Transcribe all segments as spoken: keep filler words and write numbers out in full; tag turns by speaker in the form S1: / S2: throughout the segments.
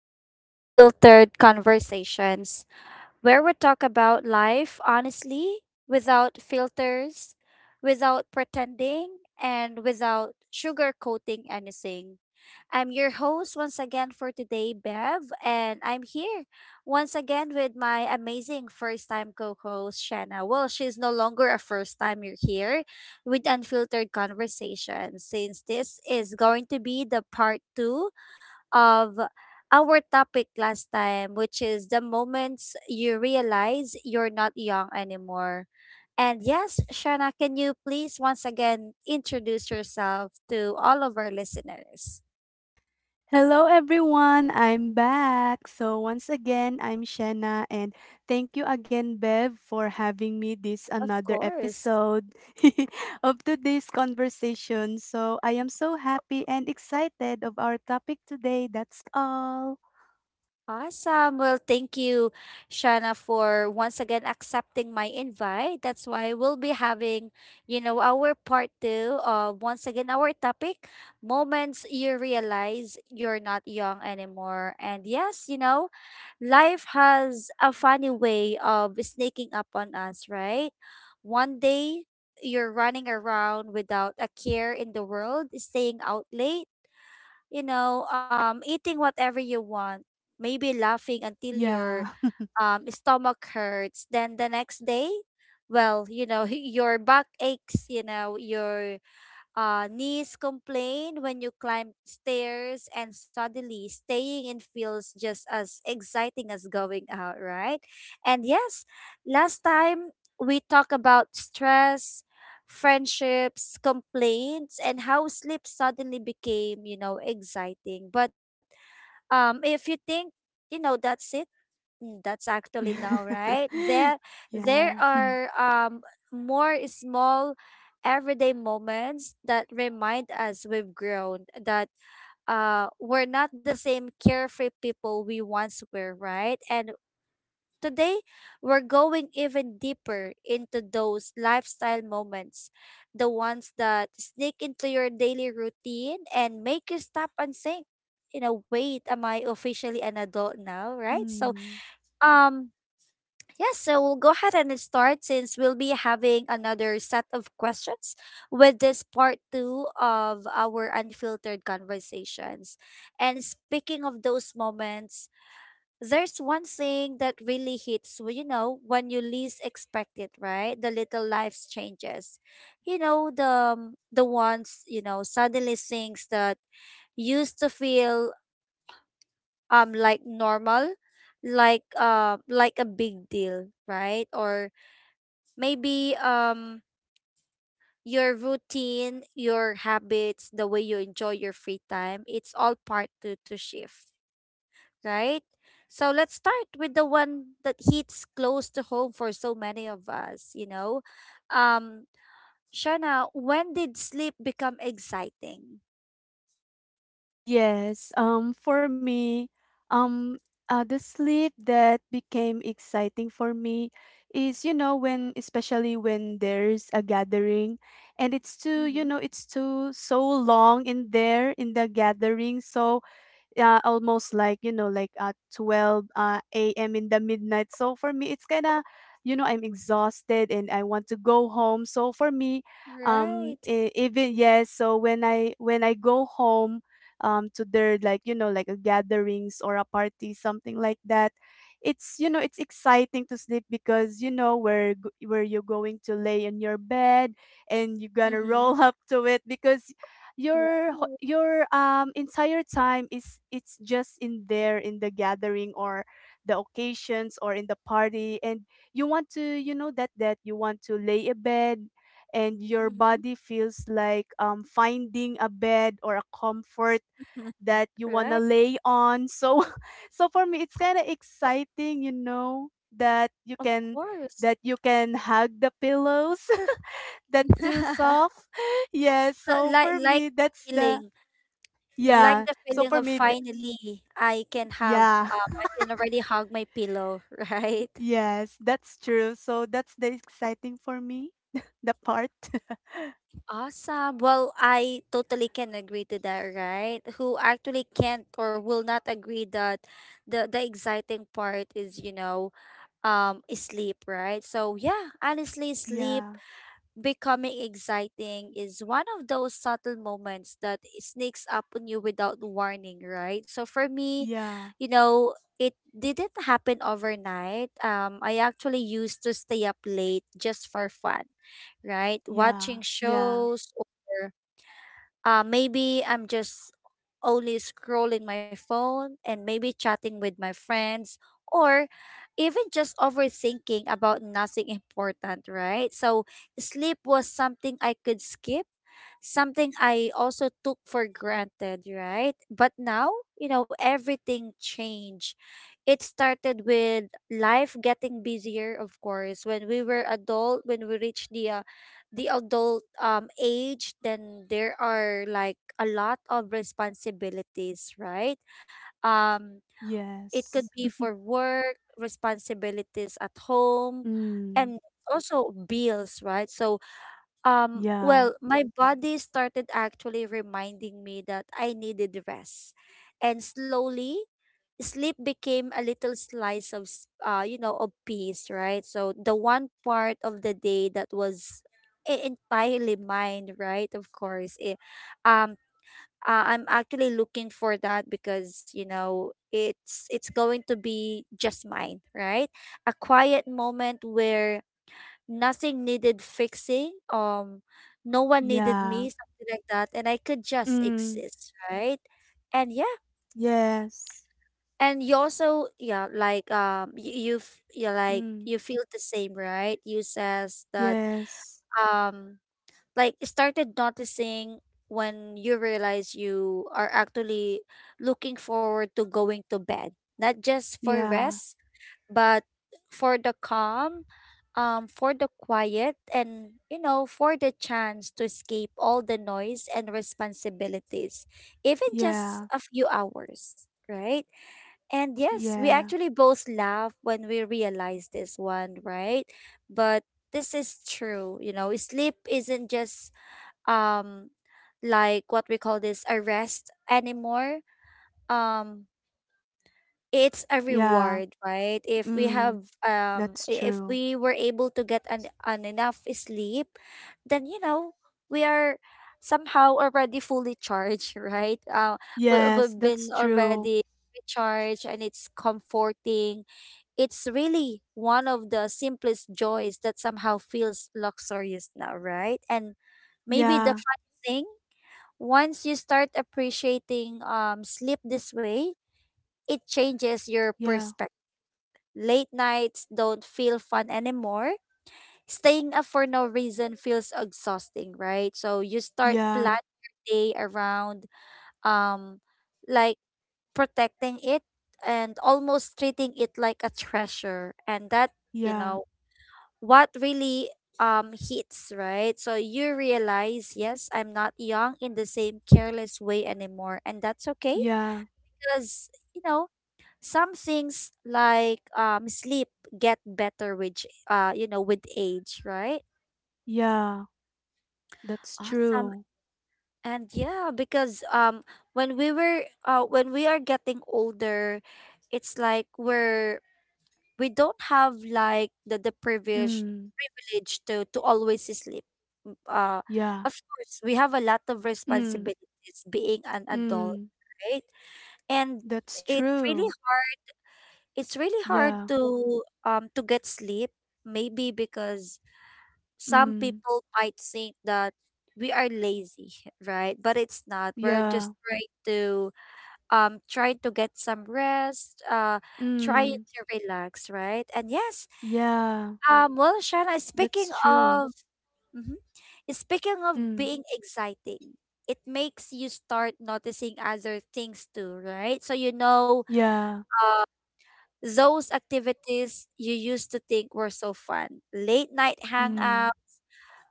S1: to Unfiltered Conversations, where we talk about life honestly, without filters, without pretending, and without sugarcoating anything. I'm your host once again for today, Bev, and I'm here once again with my amazing first time co host, Shanna. Well, she's no longer a first time you're here with Unfiltered Conversations, since this is going to be the part two of our topic last time, which is the moments you realize you're not young anymore. And yes, Shana, can you please once again introduce yourself to all of our listeners?
S2: Hello everyone, I'm back. So once again, I'm Shanna, and thank you again, Bev, for having me this
S1: Of
S2: another
S1: course.
S2: episode of today's conversation. So I am so happy and excited of our topic today. That's all.
S1: Awesome. Well, thank you, Shana, for once again accepting my invite. That's why we'll be having, you know, our part two of once again our topic, moments you realize you're not young anymore. And yes, you know, life has a funny way of sneaking up on us, right? One day you're running around without a care in the world, staying out late you know, um, eating whatever you want, maybe laughing until your
S2: Yeah.
S1: um, stomach hurts. Then the next day, well, you know, your back aches, you know, your uh, knees complain when you climb stairs, and suddenly staying in feels just as exciting as going out, right? And yes, last time we talked about stress, friendships, complaints, and how sleep suddenly became, you know, exciting. But um, if you think, you know, that's it. Mm. That's actually
S2: Yeah.
S1: now, right? There, there
S2: Yeah. Hmm.
S1: are um more small everyday moments that remind us we've grown, that uh we're not the same carefree people we once were, right? And today we're going even deeper into those lifestyle moments, the ones that sneak into your daily routine and make you stop and think, you know, wait, am I officially an adult now, right? So
S2: Hmm.
S1: um yes, so we'll go ahead and start since we'll be having another set of questions with this part two of our unfiltered conversations. And speaking of those moments, there's one thing that really hits. Well, you know, when you least expect it, right? The little life's changes. You know, the um, the ones, you know, suddenly things that used to feel um like normal, like uh like a big deal, right? Or maybe um your routine, your habits, the way you enjoy your free time, it's all part to, to shift, right? So let's start with the one that hits close to home for so many of us, you know. Um Shana, when did sleep become exciting?
S2: Yes, um, for me, um, uh, the sleep that became exciting for me is, you know, when, especially when there's a gathering, and it's too, you
S1: Mm-hmm.
S2: know, it's too so long in there in the gathering. So, uh, almost like you know like at twelve uh, a m in the midnight. So for me it's kind of, you know I'm exhausted and I want to go home. So for me, um
S1: Right.
S2: e- even yes, so when i when i go home um to their like you know like a gatherings or a party, something like that. It's, you know it's exciting to sleep because you know where g- where you're going to lay on your bed, and you're gonna
S1: Mm-hmm.
S2: roll up to it because your ho-
S1: Right.
S2: your um entire time is it's just in there in the gathering or the occasions or in the party. And you want to, you know that that you want to lay a bed, and your
S1: Mm-hmm.
S2: body feels like, um finding a bed or a comfort that you want to
S1: Right.
S2: lay on. So so for me it's kind of exciting, you know that you
S1: Of
S2: can,
S1: course.
S2: that you can hug the pillows that too soft. Yes,
S1: so
S2: so
S1: like
S2: for
S1: like
S2: me that's the
S1: feeling. You like
S2: yeah.
S1: the
S2: So
S1: feeling
S2: for
S1: of
S2: me th-
S1: finally I can have
S2: yeah.
S1: um, I can already hug my pillow, right?
S2: Yes, that's true. So that's the exciting for me, the part.
S1: Awesome. Well, I totally can agree to that, right? Who actually can't or will not agree that the the exciting part is, you know, um sleep, right? So yeah, honestly, sleep
S2: Yeah.
S1: becoming exciting is one of those subtle moments that sneaks up on you without warning, right? So for me,
S2: Yeah.
S1: you know, it didn't happen overnight. Um, I actually used to stay up late just for fun, right?
S2: Yeah.
S1: Watching
S2: Yeah.
S1: shows or uh, maybe I'm just only scrolling my phone and maybe chatting with my friends or even just overthinking about nothing important, right? So, sleep was something I could skip, something I also took for granted, right? But now, you know, everything changed. It started with life getting busier, of course. When we were adult, when we reached the uh, the adult um age, then there are like a lot of responsibilities, right? um it could
S2: Yes.
S1: be for work, responsibilities at home,
S2: Mm.
S1: and also bills, right? So um
S2: Yeah.
S1: well, my body started actually reminding me that I needed rest, and slowly sleep became a little slice of s- uh you know of peace, right? So the one part of the day that was e- entirely mine, right? Of course it, um uh, I'm actually looking for that because you know it's it's going to be just mine, right? A quiet moment where nothing needed fixing, um no one needed
S2: Yeah.
S1: me, something like that, and I could just
S2: Mm.
S1: exist, right? and
S2: Yes.
S1: and you also, yeah, like um you, you f- you like
S2: Mm.
S1: you feel the same, right? You says that
S2: Yes.
S1: um like started noticing when you realize you are actually looking forward to going to bed, not just for
S2: Yeah.
S1: rest but for the calm, um for the quiet, and you know, for the chance to escape all the noise and responsibilities, even just
S2: Yeah.
S1: a few hours, right? And yes, we
S2: Yeah.
S1: actually both laugh when we realize this one, right? But this is true, you know, sleep isn't just um like what we call this, a rest anymore. Um it's a
S2: Yeah.
S1: reward, right? If we have
S2: Mm.
S1: um
S2: That's
S1: i- if
S2: true.
S1: we were able to get an, an enough sleep, then you know, we are somehow already fully charged, right? Uh, we,
S2: Yes,
S1: we've
S2: that's
S1: been
S2: true.
S1: already recharged and it's comforting. It's really one of the simplest joys that somehow feels luxurious now, right? And maybe the
S2: Yeah.
S1: funny thing, once you start appreciating um sleep this way, it changes your
S2: Yeah,
S1: perspective. Late nights don't feel fun anymore. Staying up for no reason feels exhausting, right? So you start
S2: yeah,
S1: planning your day around um like protecting it, and almost treating it like a treasure. And that, you
S2: yeah,
S1: know, what really um hits, right? So you realize, yes, I'm not young in the same careless way anymore, and that's okay
S2: yeah,
S1: because you know some things like um sleep get better with ch- uh you know, with age, right?
S2: yeah, that's
S1: Awesome.
S2: true.
S1: And yeah, because um when we were uh when we are getting older, it's like we're we don't have like the the privilege,
S2: Mm,
S1: privilege to to always sleep. M- uh
S2: yeah,
S1: of course we have a lot of
S2: mm,
S1: responsibilities, being an adult,
S2: mm,
S1: right? And
S2: that's
S1: it's really,
S2: true.
S1: it's really hard
S2: Yeah,
S1: to um to get sleep, maybe because some
S2: mm,
S1: people might think that we are lazy, right? But it's not, we're just
S2: yeah,
S1: trying to um trying to get some rest, uh trying
S2: mm,
S1: to relax, right? And yes,
S2: yeah,
S1: um well, Shana,
S2: that's
S1: speaking
S2: true.
S1: of, mhm, speaking of
S2: Mm,
S1: being exciting, it makes you start noticing other things too, right? So you know,
S2: yeah,
S1: those activities you used to think were so fun. Late night
S2: mm,
S1: hangout,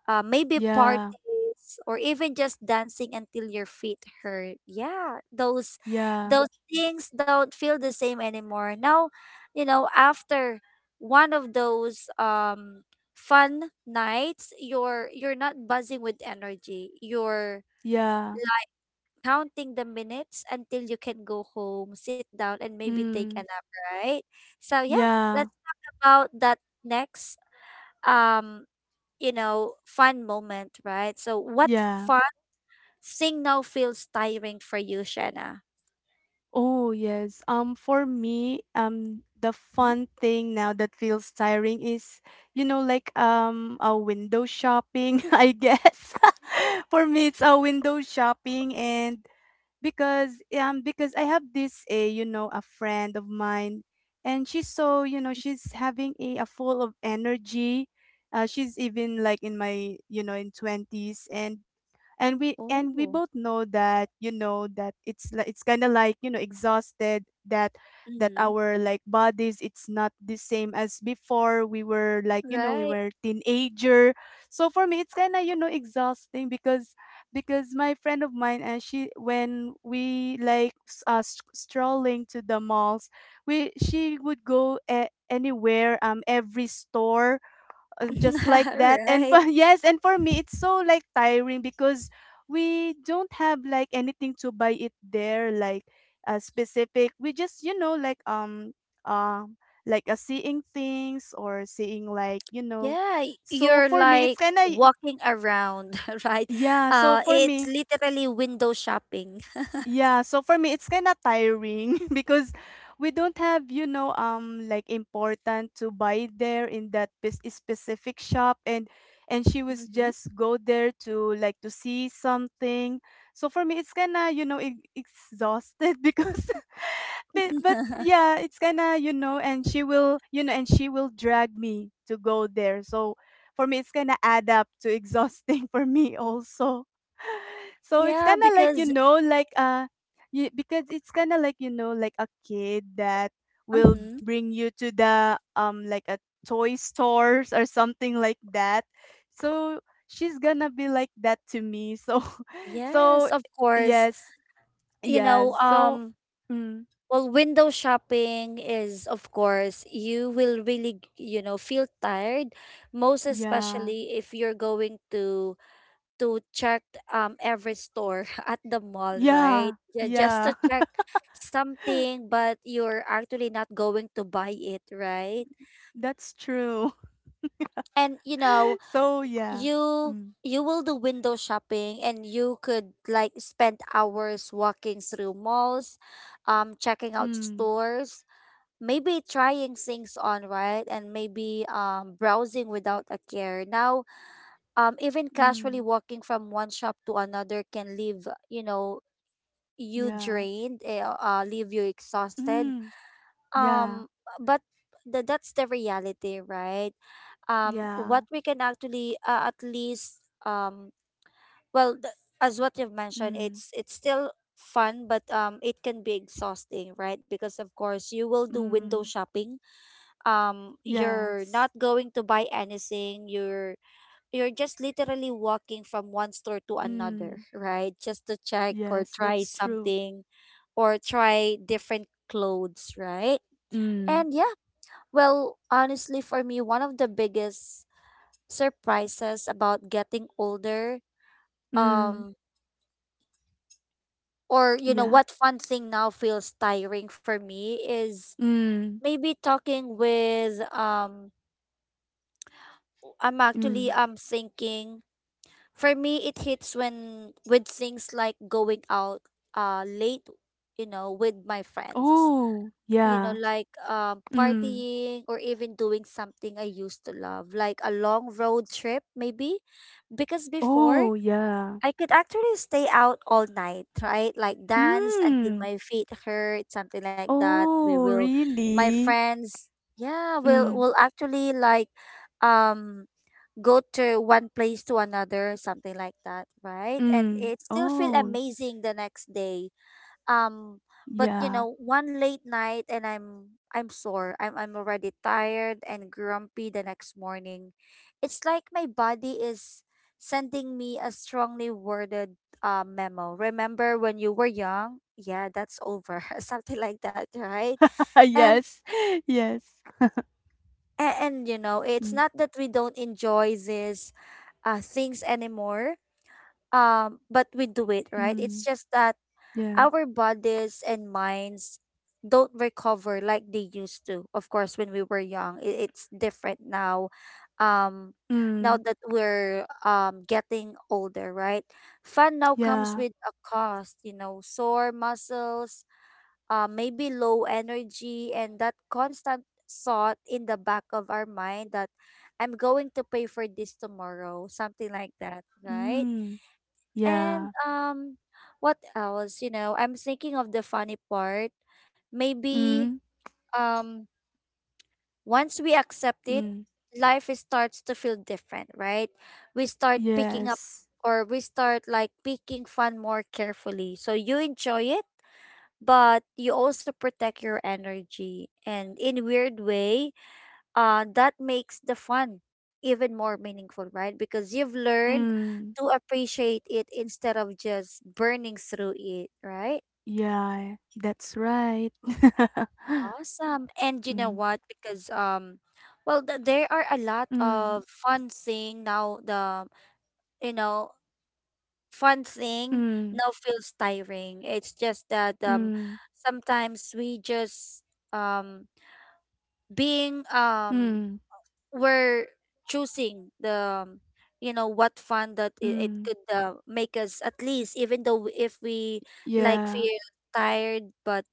S1: uh, maybe
S2: yeah,
S1: parties, or even just dancing until your feet hurt. Yeah, those
S2: yeah,
S1: those things don't feel the same anymore. Now, you know, after one of those um fun nights, you're you're not buzzing with energy. You're
S2: yeah,
S1: counting the minutes until you can go home, sit down, and maybe take a
S2: mm,
S1: nap, right? So yeah,
S2: yeah,
S1: let's about that next um you know fun moment, right? So what
S2: yeah.
S1: fun signal feels tiring for you, Shanna?
S2: Oh, yes. Um, for me, um, the fun thing now that feels tiring is, you know, like um, a window shopping, I guess.
S1: Yes.
S2: For me, it's a window shopping, and because um because I have this a you know a friend of mine, and she's so, you know she's having a, a full of energy. Uh, she's even like in my you know in twenties, and and we, and we
S1: Oh.
S2: both know that, you know that it's like it's kind of like, you know exhausted, that that
S1: Mm-hmm.
S2: our like bodies it's not the same as before we were like, you know we
S1: Right.
S2: were teenager. So for me it's kind of, you know exhausting because because my friend of mine, and she when we like s- uh, s- strolling to the malls, we she would go a- anywhere, um every store, uh, just like that, and
S1: Right.
S2: for, yes, and for me it's so like tiring because we don't have like anything to buy it there, like a specific. We just, you know like um um like a seeing things or seeing like, you know
S1: Yeah, y-
S2: so
S1: you're
S2: for me it's
S1: like
S2: kind of
S1: walking around, right?
S2: yeah, so
S1: Uh,
S2: for
S1: it's
S2: me.
S1: literally window shopping.
S2: Yeah, so for me it's kind of tiring because we don't have, you know, um like important to buy there in that pes- specific shop, and and she was
S1: Mm-hmm.
S2: just go there to like to see something. So for me it's kind of, you know, e- exhausted because but, but yeah, it's kind of, you know, and she will, you know, and she will drag me to go there. So for me it's kind of add up to exhausting for me also. So it's
S1: Yeah,
S2: kind of like, you
S1: because
S2: know, like uh you, because it's kind of like, you know, like a kid that will
S1: mhm,
S2: bring you to the um like a toy stores or something like that. So she's gonna be like that to me. So
S1: yes,
S2: so
S1: of course.
S2: yes,
S1: You
S2: yeah.
S1: know,
S2: So
S1: um,
S2: mm,
S1: Well, window shopping is, of course, you will really, you know, feel tired, most
S2: yeah.
S1: especially if you're going to to check um every store at the mall, right?
S2: Yeah.
S1: Yeah, just to
S2: Yeah.
S1: check something, but you're actually not going to buy it, right?
S2: That's true.
S1: And you know,
S2: So yeah.
S1: you
S2: Mm.
S1: you will do window shopping and you could like spend hours walking through malls, um, checking out
S2: Mm.
S1: stores, maybe trying things on, right? And maybe um, browsing without a care. Now, um, even casually
S2: Mm.
S1: walking from one shop to another can leave, you know, you
S2: Yeah.
S1: drained, eh, uh, leave you exhausted.
S2: Mm. Yeah.
S1: Um, but th- that's the reality, right? um what
S2: Yeah.
S1: we can actually uh, at least um well th- as what you've mentioned,
S2: Mm,
S1: it's it's still fun, but um it can be exhausting, right? Because of course you will do window
S2: mm,
S1: shopping, um you're not
S2: yes.
S1: going to buy anything, you're you're just literally walking from one store to another,
S2: Mm,
S1: right, just to check or
S2: yes,
S1: try
S2: that's true.
S1: something, or try different clothes, right? And
S2: Mm,
S1: yeah, well honestly, for me, one of the biggest surprises about getting older,
S2: mm,
S1: um or you know,
S2: yeah.
S1: what fun thing now feels tiring for me is
S2: Mm,
S1: maybe talking with um I'm actually
S2: mm.
S1: I'm thinking for me, it hits when with things like going out uh late, you know, with my friends.
S2: Oh,
S1: You know,
S2: yeah.
S1: like um
S2: Mm,
S1: partying or even doing something I used to love, like a long road trip maybe. Because before
S2: oh, yeah.
S1: I could actually stay out all night, right? Like dance until
S2: Mm,
S1: my feet hurt, something like that. We
S2: oh,
S1: will my
S2: really?
S1: friends, yeah, will
S2: Mm,
S1: will actually like um go to one place to another, something like that, right? And
S2: mm.
S1: it still feel
S2: Oh,
S1: amazing the next day. Um, but you
S2: yeah.
S1: know, one late night and I'm I'm sore. I'm I'm already tired and grumpy the next morning. It's like my body is sending me a strongly worded uh, memo. Remember when you were young? Yeah, that's over. Something like that, right? And
S2: Yes, yes.
S1: and, and you know, it's
S2: Mm,
S1: not that we don't enjoy these uh, things anymore um but we do it, right? It's
S2: mm,
S1: just that
S2: yeah.
S1: our bodies and minds don't recover like they used to. Of course when we were young, i- it's different now. um Now
S2: Mm,
S1: that we're um getting older, right, fun now comes
S2: yeah.
S1: with a cost. You know, sore muscles, uh, maybe low energy, and that constant thought in the back of our mind that I'm going to pay for this tomorrow, something like that, right?
S2: Mm,
S1: And
S2: yeah.
S1: um what else? You know, I'm thinking of the funny part. Maybe
S2: Mm,
S1: um once we accept it,
S2: mm.
S1: life is- starts to feel different, right? We start picking up,
S2: Yes.
S1: or we start like picking fun more carefully. So you enjoy it, but you also protect your energy. And in weird way, uh, that makes the fun even more meaningful, right? Because you've learned
S2: Mm.
S1: to appreciate it instead of just burning through it, right?
S2: Yeah, that's right.
S1: Awesome. And you know
S2: mm,
S1: what? Because um, well, th- there are a lot
S2: mm,
S1: of fun thing now. The you know fun thing
S2: mm,
S1: now feels tiring. It's just that, um,
S2: mm,
S1: sometimes we just um being um
S2: mm,
S1: we're choosing the, um, you know what fun that it, it
S2: mm.
S1: could uh, make us at least, even though w- if we like
S2: Yeah,
S1: feel tired but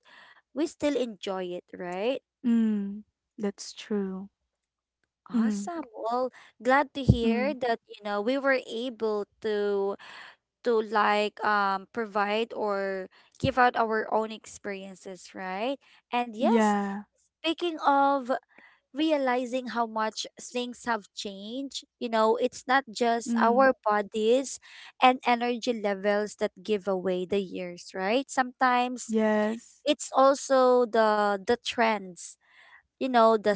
S1: we still enjoy it, right?
S2: mm, that's true. Mm,
S1: Awesome. Well, glad to
S2: mm,
S1: hear that, you know, we were able to to like um provide or give out our own experiences, right? And yes,
S2: yeah,
S1: speaking of realizing how much things have changed. You know, it's not just
S2: mm,
S1: our bodies and energy levels that give away the years, right? Sometimes
S2: yes.
S1: it's also the the trends, you know, the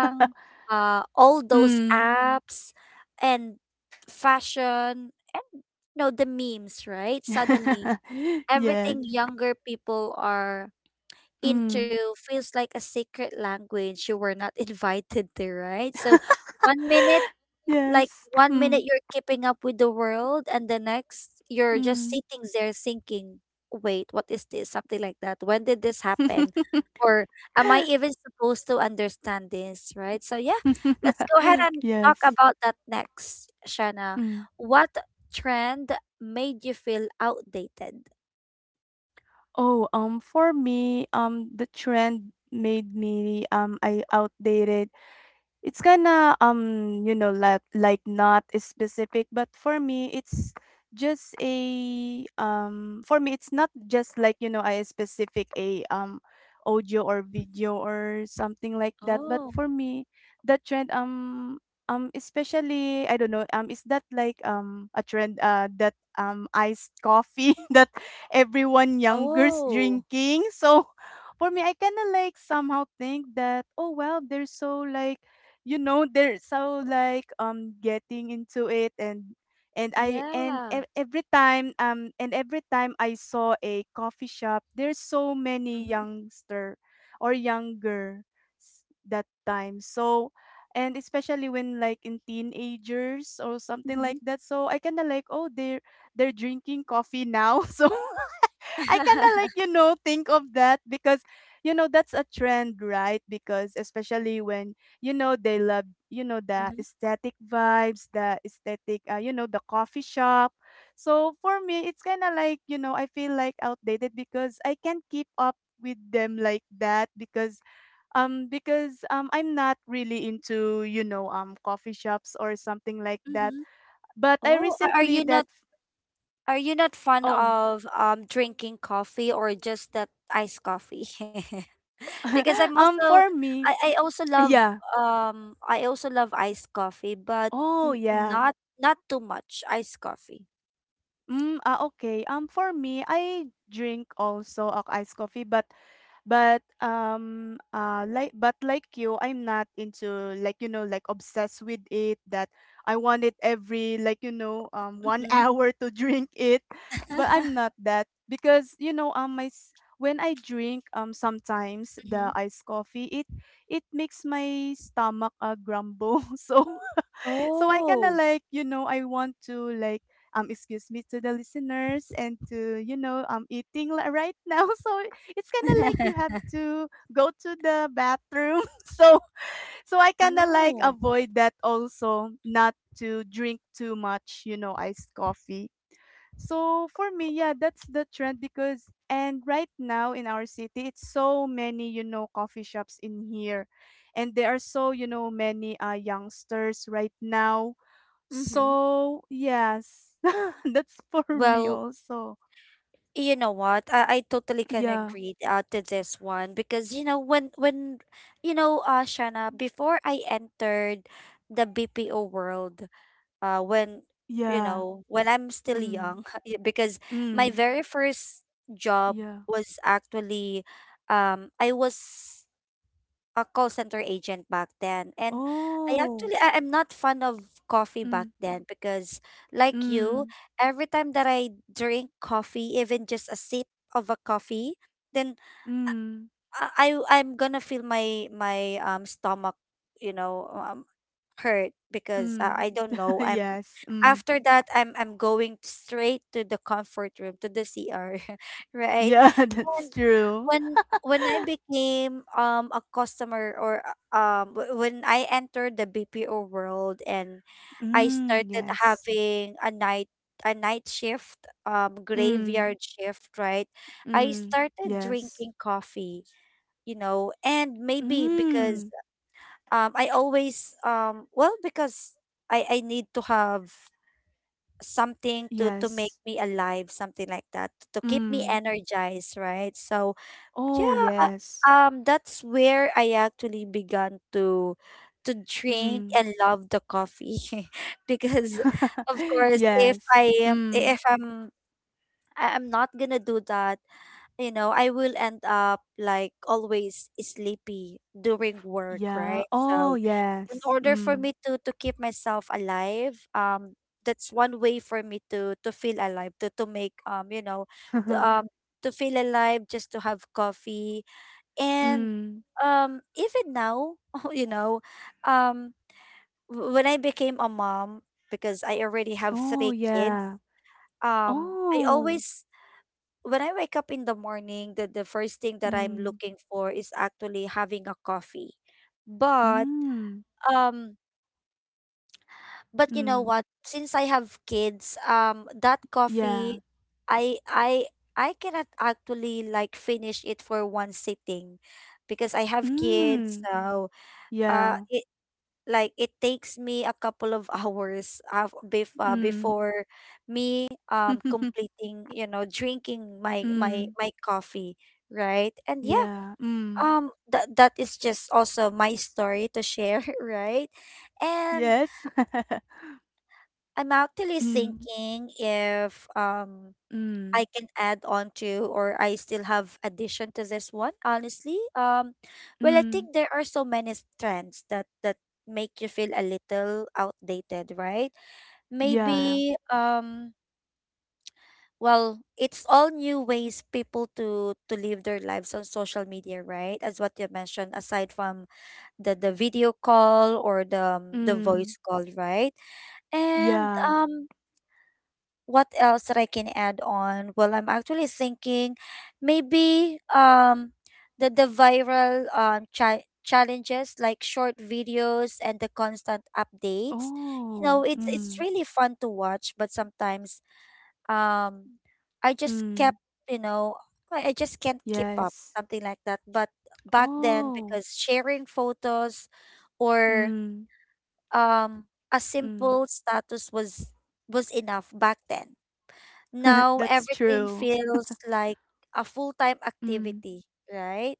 S1: uh, all those
S2: Mm.
S1: apps and fashion and, you know, the memes, right? Suddenly
S2: yes.
S1: everything younger people are
S2: Mm.
S1: into feels like a secret language you were not invited to, right? So one minute,
S2: Yes.
S1: like one minute
S2: Mm.
S1: you're keeping up with the world, and the next you're just
S2: Mm.
S1: sitting there thinking, wait, what is this? Something like that. When did this happen? Or am I even supposed to understand this, right? So yeah, let's go ahead and talk
S2: yes.
S1: about that next, Shana.
S2: Mm.
S1: What trend made you feel outdated?
S2: Oh, um, for me, um, the trend made me um, I outdated. It's kinda, um, you know, like like not specific, but for me, it's just a um for me it's not just like, you know, a specific a um audio or video or something like that. But
S1: Oh,
S2: for me, that trend um um especially I don't know, um is that like um a trend uh that um iced coffee that everyone younger's
S1: oh,
S2: drinking. So for me I kinda like somehow think that oh well they're so like, you know they're so like um getting into it, and and I and
S1: yeah.
S2: ev- every time um and every time I saw a coffee shop, there's so many youngster or younger s- that time. So and especially when like in teenagers or something
S1: Mm-hmm.
S2: like that, so I kind of like oh they're they're drinking coffee now. So I kind of like, you know, think of that because, you know, that's a trend, right? Because especially when, you know, they love, you know, the
S1: Mm-hmm.
S2: aesthetic vibes, the aesthetic, uh, you know, the coffee shop. So for me, it's kind of like, you know, I feel like outdated because I can't keep up with them like that because um because um I'm not really into, you know um coffee shops or something like that,
S1: Mm-hmm.
S2: but I
S1: Oh, are, are
S2: recently
S1: you not,
S2: that
S1: are you not fond
S2: oh
S1: of um drinking coffee, or just that iced coffee? Because I'm
S2: um
S1: also,
S2: for
S1: I,
S2: me
S1: I also love
S2: yeah.
S1: um I also love iced coffee, but
S2: Oh,
S1: n-
S2: yeah.
S1: not not too much iced coffee.
S2: Mm, ah, okay. Um, for me, I drink also a iced coffee, but but um uh like but like you, I'm not into like, you know like obsessed with it, that I want it every like, you know um one
S1: Mm-hmm.
S2: hour to drink it, but I'm not that because, you know um my s- when I drink um sometimes
S1: Mm-hmm.
S2: the iced coffee it it makes my stomach uh, grumble so so I kind of
S1: Oh.
S2: like, you know, I want to like, um, excuse me to the listeners and to, you know, I'm eating li- right now. So it's kind of like you have to go to the bathroom. So, so I kind of like
S1: Oh.
S2: avoid that also, not to drink too much, you know, iced coffee. So for me, yeah, that's the trend because and right now in our city it's so many, you know coffee shops in here, and there are so, you know many uh youngsters right now.
S1: Mm-hmm.
S2: So, yes. That's for me
S1: Well,
S2: also.
S1: you know what? I, I totally can
S2: Yeah.
S1: agree uh, to this one because, you know, when when you know, uh Shana, before I entered the B P O world, uh when, you
S2: Yeah.
S1: know, when I'm still
S2: Mm.
S1: young, yeah, because my
S2: Mm.
S1: very first job
S2: Yeah.
S1: was actually, um I was a call center agent back then. And i
S2: Oh.
S1: actually I, i'm not fond of coffee
S2: Mm.
S1: back then because, like you,
S2: Mm.
S1: every time that I drink coffee, even just a sip of a coffee, then
S2: Mm.
S1: i, I I'm gonna feel my my um stomach, you know, um, hurt because, uh,
S2: Mm.
S1: I don't know. I'm
S2: yes. Mm.
S1: After that, i'm I'm going straight to the comfort room, to the cr, right?
S2: Yeah,
S1: And
S2: that's true.
S1: when when I became um a customer or uh, um w- when I entered the B P O world and I
S2: Mm.
S1: started
S2: Yes.
S1: having a night, a night shift, um
S2: Mm.
S1: graveyard shift, right? I
S2: Mm.
S1: started
S2: Yes.
S1: drinking coffee, you know, and maybe because
S2: Mm.
S1: um I always um well, because I I need to have something to to make
S2: Yes.
S1: me alive, something like that, to keep me
S2: Mm.
S1: energized, right? So
S2: Oh,
S1: yeah, uh,
S2: yes.
S1: um, that's where I actually began to to drink
S2: Mm.
S1: and love the coffee. Because of course, if
S2: yes.
S1: I am-
S2: Mm.
S1: if I'm, I- I'm not gonna do that, you know, I will end up like always sleepy during work,
S2: Yeah.
S1: right?
S2: Oh,
S1: So in
S2: yes.
S1: order for
S2: Mm.
S1: me to to keep myself alive, um, that's one way for me to to feel alive, to to make, um, you know, t- um, to feel alive, just to have coffee. And
S2: Mm.
S1: um even now, you know, um w- when I became a mom, because I already have
S2: Oh,
S1: three kids,
S2: yeah.
S1: um I
S2: Oh.
S1: always, when I wake up in the morning, the, the first thing that I'm
S2: Mm.
S1: looking for is actually having a coffee. But
S2: Mm.
S1: um but you know
S2: Mm.
S1: what, since I have kids, um that
S2: Yeah.
S1: coffee, i i i cannot actually like finish it for one sitting because I have kids.
S2: Mm.
S1: So uh
S2: Yeah.
S1: it, like it takes me a couple of hours af bef uh,
S2: Mm.
S1: before me um completing, you know, drinking my
S2: Mm.
S1: my my coffee, right? And yeah,
S2: Yeah. Mm.
S1: um that that is just also my story to share, right? And
S2: Yes.
S1: I'm actually
S2: Mm.
S1: thinking if um
S2: Mm.
S1: I can add on to, or I still have addition to this one, honestly. Um, well, I
S2: Mm.
S1: think there are so many s- trends that that make you feel a little outdated, right?
S2: Yeah.
S1: Maybe um well, it's all new ways people to to live their lives on social media, right? As what you mentioned, aside from the the video call, or the, um, the voice
S2: Mm.
S1: call, right? And
S2: Yeah.
S1: um what else that I can add on? Well, I'm actually thinking, maybe um the the viral um cha- challenges like short videos and the constant updates. You know,
S2: Oh.
S1: it's it's
S2: Mm.
S1: really fun to watch, but sometimes um I just kept,
S2: Mm.
S1: you know, I, I just can't keep up,
S2: Yes.
S1: something like that. But back then,
S2: Oh.
S1: because sharing photos or
S2: Mm.
S1: um a
S2: Mm.
S1: simple status was was enough back then. Now
S2: That's
S1: everything
S2: true.
S1: feels like a full-time
S2: Mm.
S1: activity, right?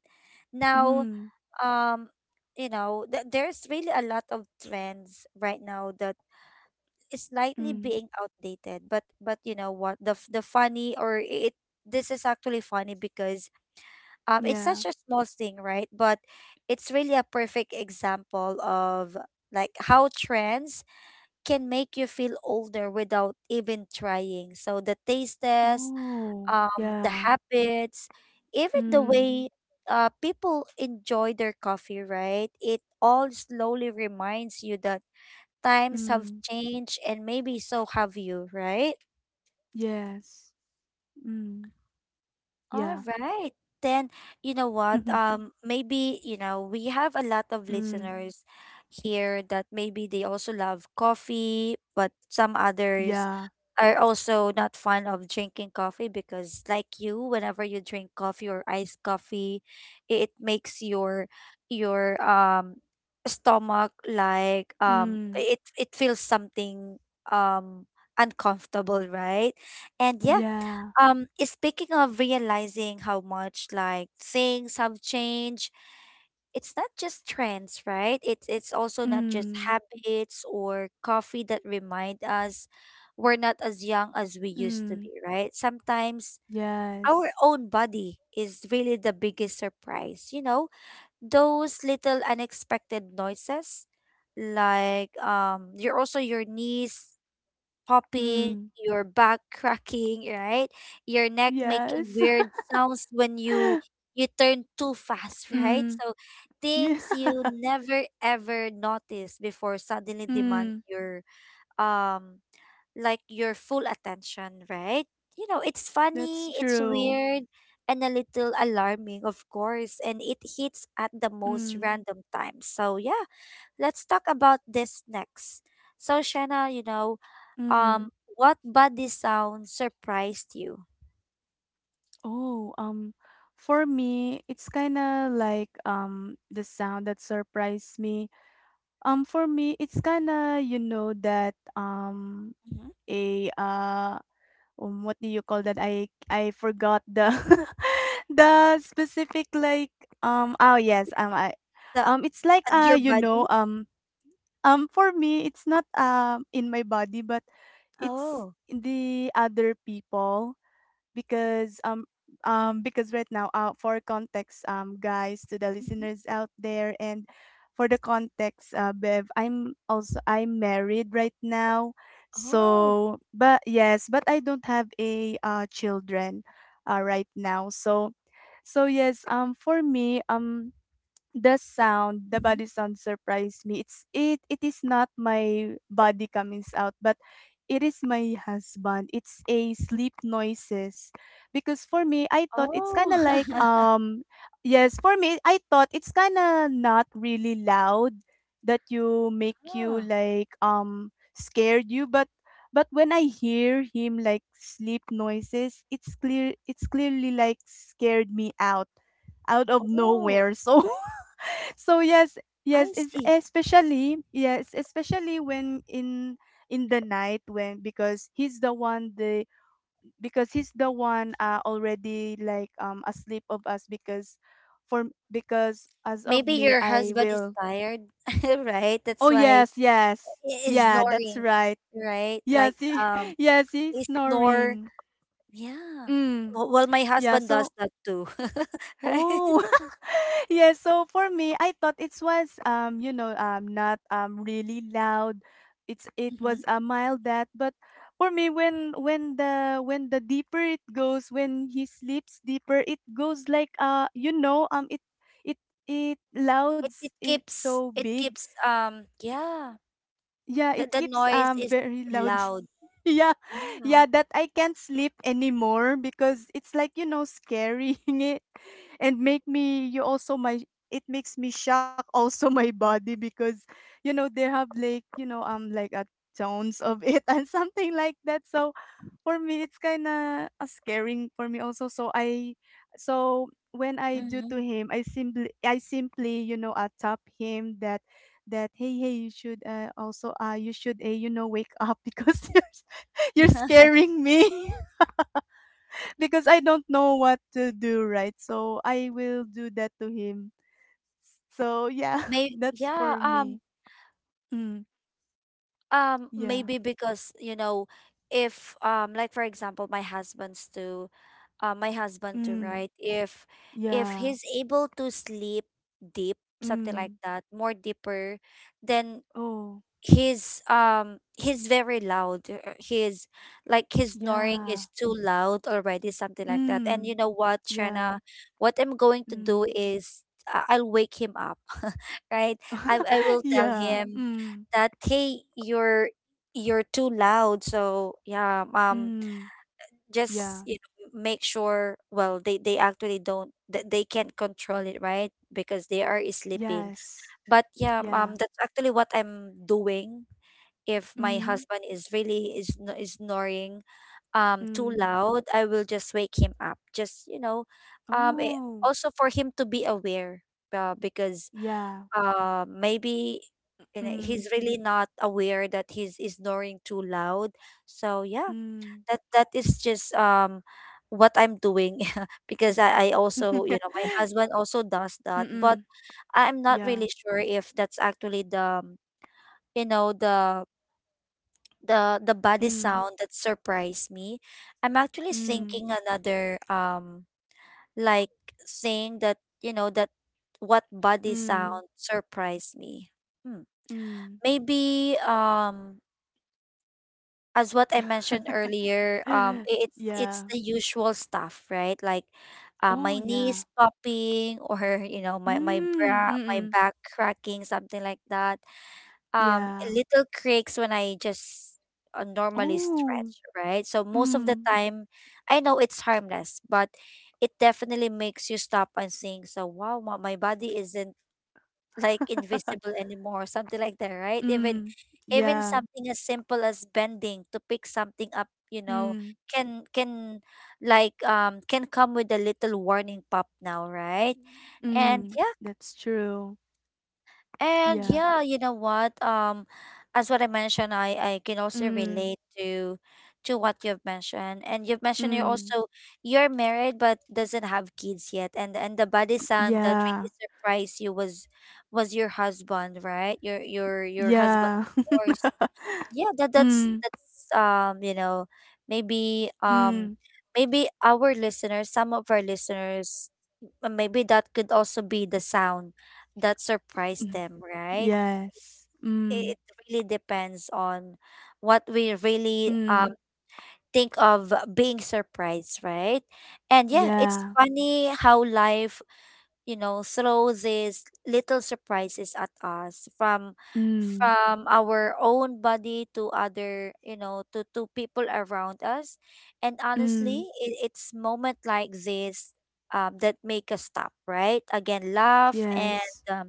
S1: Now,
S2: Mm.
S1: um, you know, th there's really a lot of trends right now that is slightly
S2: Mm.
S1: being outdated. but but you know what? The f- the funny, or it this is actually funny because, um it's
S2: Yeah.
S1: such a small thing, right? But it's really a perfect example of like how trends can make you feel older without even trying. So the taste test,
S2: Oh,
S1: um, the
S2: yeah.
S1: habits, even the
S2: Mm,
S1: way, uh, people enjoy their coffee, right? It all slowly reminds you that times have
S2: mm,
S1: changed and maybe so have you, right?
S2: yes. Mm,
S1: All
S2: yeah.
S1: right. Then, you know what? Um, maybe you know we have a lot of
S2: mm,
S1: listeners here that maybe they also love coffee, but some others
S2: yeah.
S1: are also not fond of drinking coffee because, like you, whenever you drink coffee or iced coffee, i- it makes your your um stomach like, um
S2: Mm,
S1: it it feels something, um uncomfortable, right? And yeah,
S2: yeah.
S1: um, speaking of realizing how much like things have changed, it's not just trends, right? It's it's also not just
S2: Mm,
S1: habits or coffee that remind us we're not as young as we used to
S2: mm,
S1: be, right? Sometimes our
S2: yes.
S1: own body is really the biggest surprise. You know, those little unexpected noises like, um your also your knees popping,
S2: Mm,
S1: your back cracking, right? Your neck making
S2: yes.
S1: weird sounds when you you turn too fast, right?
S2: mm,
S1: So
S2: yeah.
S1: things you never ever notice before suddenly demand
S2: Mm,
S1: your um like your full attention, right? You know, it's
S2: that's
S1: funny, it's
S2: true.
S1: weird, and a little alarming, of course, and it hits at the most
S2: Mm,
S1: random times. So yeah, let's talk about this next. So Shanna, you know,
S2: mm.
S1: um, what body sound surprised you?
S2: Oh, um, for me, it's kind of like um the sound that surprised me. Um, for me, it's kinda, you know, that, um,
S1: Mhm.
S2: a, uh, um, what do you call that? I I forgot the the specific, like, um, oh, yes, um, I
S1: The uh,
S2: um, it's like, uh,
S1: your
S2: you know,
S1: body?
S2: um um, for me, it's not, um, in my body, but it's
S1: Oh.
S2: in the other people. Because um um because right now, uh, for context, um guys, to the
S1: Mhm.
S2: listeners out there, and for the context, uh Bev, I'm also I'm married right now,
S1: Oh.
S2: so but yes, but I don't have a uh children uh right now. So so yes, um for me, um the sound, the
S1: Mhm.
S2: body sound surprised me, it's it it is not my body coming out, but it is my husband. It's a sleep noises. Because for me, I thought it's
S1: Oh.
S2: kinda like um yes, for me I thought it's kinda not really loud that you make you
S1: Ah.
S2: like, um scared you, but but when I hear him like sleep noises, it's clear it's clearly like scared me out, out of
S1: Oh.
S2: nowhere. So so yes, yes,
S1: I
S2: it's
S1: see.
S2: especially yes, especially when in in the night, when because he's the one, the because he's the one uh already like, um asleep of us, because for because as of
S1: Maybe
S2: me
S1: your
S2: I
S1: husband is
S2: will.
S1: tired, right? That's
S2: Oh
S1: why
S2: yes, yes.
S1: he is
S2: Yeah, that's
S1: snoring,
S2: right.
S1: right? Like,
S2: Yes, he
S1: um,
S2: yes, he's
S1: he snore.
S2: snoring.
S1: Yeah.
S2: Mm.
S1: Well, well, my
S2: Yeah,
S1: husband does
S2: so
S1: that too, right?
S2: Oh, yes. So for me, I thought it was um you know um not um really loud. It's it was a mild that, but for me when when the when the deeper it goes, when he sleeps deeper, it goes like uh you know um it it it
S1: it,
S2: louds,
S1: it
S2: it's
S1: keeps
S2: so
S1: it
S2: big.
S1: keeps um yeah,
S2: Yeah,
S1: the,
S2: it
S1: the
S2: keeps
S1: noise
S2: um
S1: is
S2: very loud.
S1: loud,
S2: Yeah.
S1: yeah.
S2: Yeah, that I can't sleep anymore because it's like, you know, scaring it and make me you also my it makes me shock also my body because you know they have like, you know, um like a tones of it and something like that. So for me, it's kinda, uh, scaring for me also. So I so when I do
S1: Mm-hmm.
S2: to him, I simply I simply, you know, uh, tap him that that, "Hey, hey, you should, uh, also, uh, you should, uh, you know, wake up because you're you're scaring me." Because I don't know what to do, right? So I will do that to him. So yeah,
S1: May,
S2: that's
S1: yeah,
S2: for
S1: um
S2: me. Mm,
S1: um
S2: yeah.
S1: maybe because, you know, if um like for example, my husband's to uh, my husband too,
S2: Mm,
S1: right, if if
S2: yeah.
S1: he's able to sleep deep, something like
S2: Mm.
S1: that, more deeper, then
S2: Oh,
S1: he's um he's very loud, uh, uh, he's like his snoring is
S2: yeah.
S1: too loud already, something like that. And you
S2: Mm.
S1: know what,
S2: Yeah.
S1: Shana, what I'm going to do
S2: Mm.
S1: is, I- I'll wake him up, right? I I will tell
S2: Yeah.
S1: him
S2: Mm.
S1: that, hey, you're you're too loud. So yeah, um
S2: Mm.
S1: just,
S2: Yeah.
S1: you know, make sure, well, they they actually don't, th- they can't control it, right, because they are sleeping.
S2: Yes.
S1: But yeah,
S2: Yeah.
S1: um that's actually what I'm doing, if my
S2: Mm.
S1: husband is really is no- is snoring um too
S2: Mm.
S1: loud, I will just wake him up. Just, you know, um eh,
S2: Oh.
S1: also for him to be aware, uh, because
S2: Yeah.
S1: uh maybe, you know, he's
S2: Mm.
S1: really not aware that he's is snoring too loud. So yeah,
S2: Mm.
S1: that that is just um what I'm doing. Because I, I also, you know, my husband also does that. But
S2: Mm-mm.
S1: I'm not
S2: Yeah.
S1: really sure if that's actually the, um, you know, the the the body
S2: Mm.
S1: sound that surprised me. I'm actually
S2: Mm.
S1: thinking another um like saying that, you know, that, what body
S2: Mm.
S1: sound surprised me. Hmm.
S2: Mm.
S1: Maybe um as what I mentioned earlier, um i- it's it's
S2: Yeah.
S1: the usual stuff, right? Like uh,
S2: Oh,
S1: my knees
S2: yeah.
S1: popping or you know my my
S2: Mm.
S1: bra my
S2: Mm-mm.
S1: back cracking something like that, um
S2: Yeah.
S1: little creaks when I just uh, normally stretch,
S2: Oh.
S1: right? So most of the
S2: Mm.
S1: time, I know it's harmless, but it definitely makes you stop and think. So wow, my, my body isn't like invisible anymore, something like that, right? Even
S2: Mm.
S1: even
S2: Yeah.
S1: something as simple as bending to pick something up, you know,
S2: Mm.
S1: can can like um can come with a little warning pop now, right? And
S2: Mm,
S1: yeah
S2: that's true.
S1: and
S2: Yeah.
S1: yeah, you know what? Um, as what I mentioned, I I can also
S2: Mm,
S1: relate to to what you've mentioned. And you've mentioned you're
S2: mm,
S1: also you're married but doesn't have kids yet. And and the body sound that
S2: yeah,
S1: really surprised you was was your husband, right? Your your your
S2: yeah.
S1: husband's voice. Yeah, that that's
S2: Mm,
S1: that's um, you know, maybe um
S2: mm,
S1: maybe our listeners, some of our listeners, uh, maybe that could also be the sound that surprised
S2: mm,
S1: them, right?
S2: yes. Mm,
S1: It really depends on what we really uh,
S2: mm,
S1: think of being surprised, right? And yeah, it's
S2: yeah.
S1: funny how life, you know, throws these little surprises at us from
S2: Mm,
S1: from our own body to other, you know, to to people around us. And honestly,
S2: mm,
S1: it, it's moment like this um, that make us stop, right? Again, laugh and
S2: yes.
S1: um,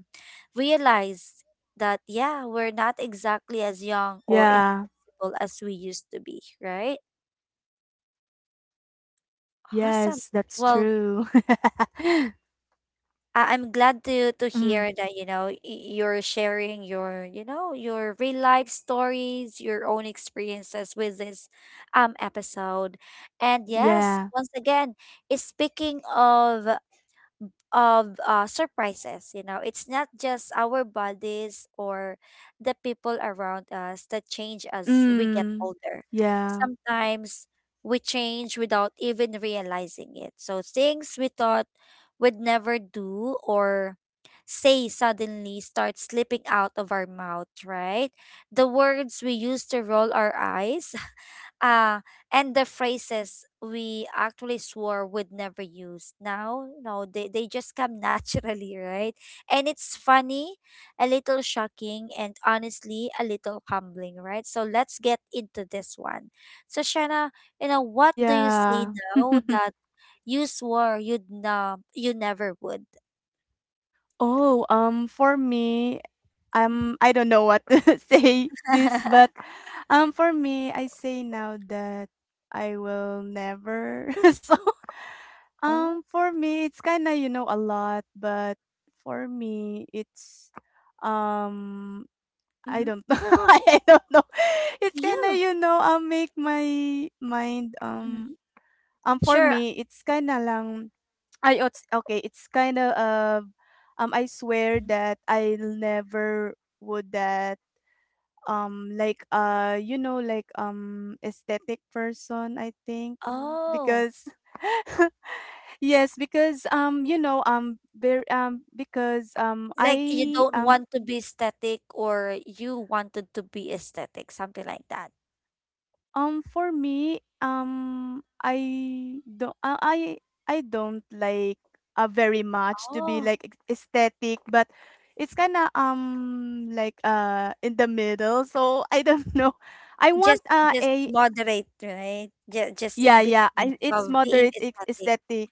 S1: realize that yeah, we're not exactly as young or
S2: Yeah,
S1: invincible as we used to be, right? Awesome.
S2: yes, that's
S1: Well,
S2: true.
S1: I- I'm glad to to
S2: Mm,
S1: hear that, you know, y- you're sharing your, you know, your real life stories, your own experiences with this um episode. And yes,
S2: yeah.
S1: once again, eh, speaking of of uh, surprises. You know, it's not just our bodies or the people around us that change as we get
S2: Mm,
S1: older.
S2: yeah,
S1: Sometimes we change without even realizing it. So things we thought would never do or say suddenly start slipping out of our mouth, right? The words we used to roll our eyes uh and the phrases we actually swore would never use now no, they, they just come naturally, right? And it's funny, a little shocking and honestly a little humbling, right? So let's get into this one. So Shanna, you know, what do you say
S2: yeah.
S1: now that you swore you'd na you never would?
S2: Oh, um, for me, um, I don't know what to say this, but um, for me, I say now that I will never. So,
S1: Oh.
S2: um, for me, it's kind of you know a lot, but for me, it's um, I don't
S1: Mm-hmm.
S2: know. I I don't know. It's kind of
S1: Yeah.
S2: you know um make my mind
S1: Mhm.
S2: um um for
S1: Sure.
S2: me, it's kind of lang I it's okay, it's kinda, um, um, I swear
S1: Hmm.
S2: that I never would that, um, like, uh, you know, like, um, aesthetic person, I think.
S1: Oh.
S2: Because yes, because, um, you know, um, very um, because, um,
S1: Like you
S2: I,
S1: don't
S2: um
S1: want to be static or you wanted to be aesthetic, something like that.
S2: um, for me, um, I don't, I, I I don't like uh, very much to be
S1: Oh,
S2: like ex- aesthetic, but it's kind of um like uh in the middle. So I don't know. I want
S1: just
S2: uh
S1: just
S2: a
S1: moderate, right? Just just in
S2: yeah yeah.
S1: between
S2: I, it's
S1: of being
S2: moderate ex-
S1: aesthetic.
S2: aesthetic.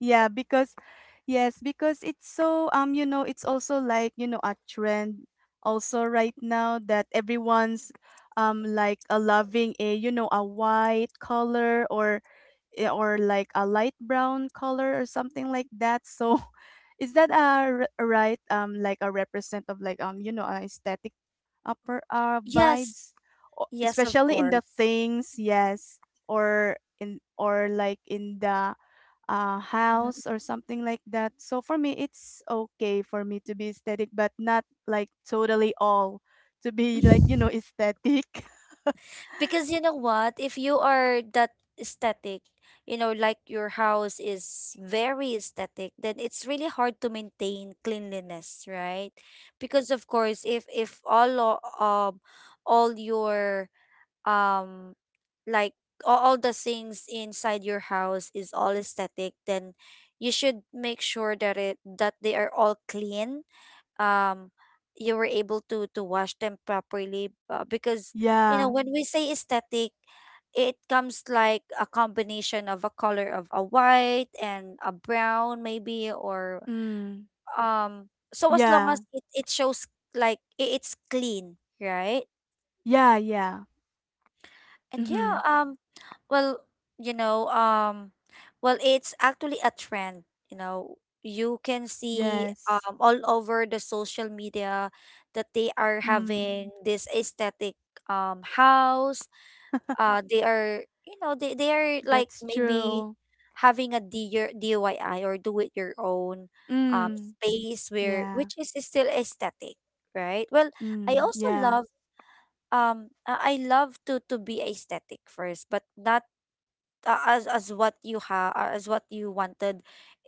S2: Yeah, because yes, because it's so um you know, it's also like, you know, a trend also right now that everyone's um like a loving a you know, a white color or eh, or like a light brown color or something like that. So is that a r- right um like a represent of like um you know, a aesthetic upper uh
S1: Yes,
S2: vibes O-
S1: yes, of
S2: especially in
S1: course.
S2: the things, yes, or in or like in the uh,
S1: Mhm.
S2: house or something like that. So for me, it's okay for me to be aesthetic, but not like totally all to be like, you know, aesthetic.
S1: Because you know what, if you are that aesthetic, you know, like your house is very aesthetic, then it's really hard to maintain cleanliness, right? Because of course, if if all o- um all your um like all, all the things inside your house is all aesthetic, then you should make sure that it that they are all clean, um you were able to to wash them properly, uh, because you know
S2: Yeah.
S1: when we say aesthetic, it comes like a combination of a color of a white and a brown maybe or
S2: Mm.
S1: um so as long as
S2: Yeah.
S1: it, it shows like i- it's clean, right?
S2: Yeah. Yeah.
S1: And
S2: Mm-hmm.
S1: yeah, um, well, you know, um, well, it's actually a trend. You know, you can see
S2: Yes.
S1: um all over the social media that they are
S2: Mm.
S1: having this aesthetic um house. Uh, they are, you know, they they are like
S2: That's
S1: maybe
S2: true.
S1: having a D I Y or do it your own um
S2: Mm.
S1: space where
S2: Yeah.
S1: which is still aesthetic, right? Well, I
S2: Mm.
S1: also
S2: Yeah.
S1: love um uh, I love to to be aesthetic first, but not uh, as as what you have as what you wanted.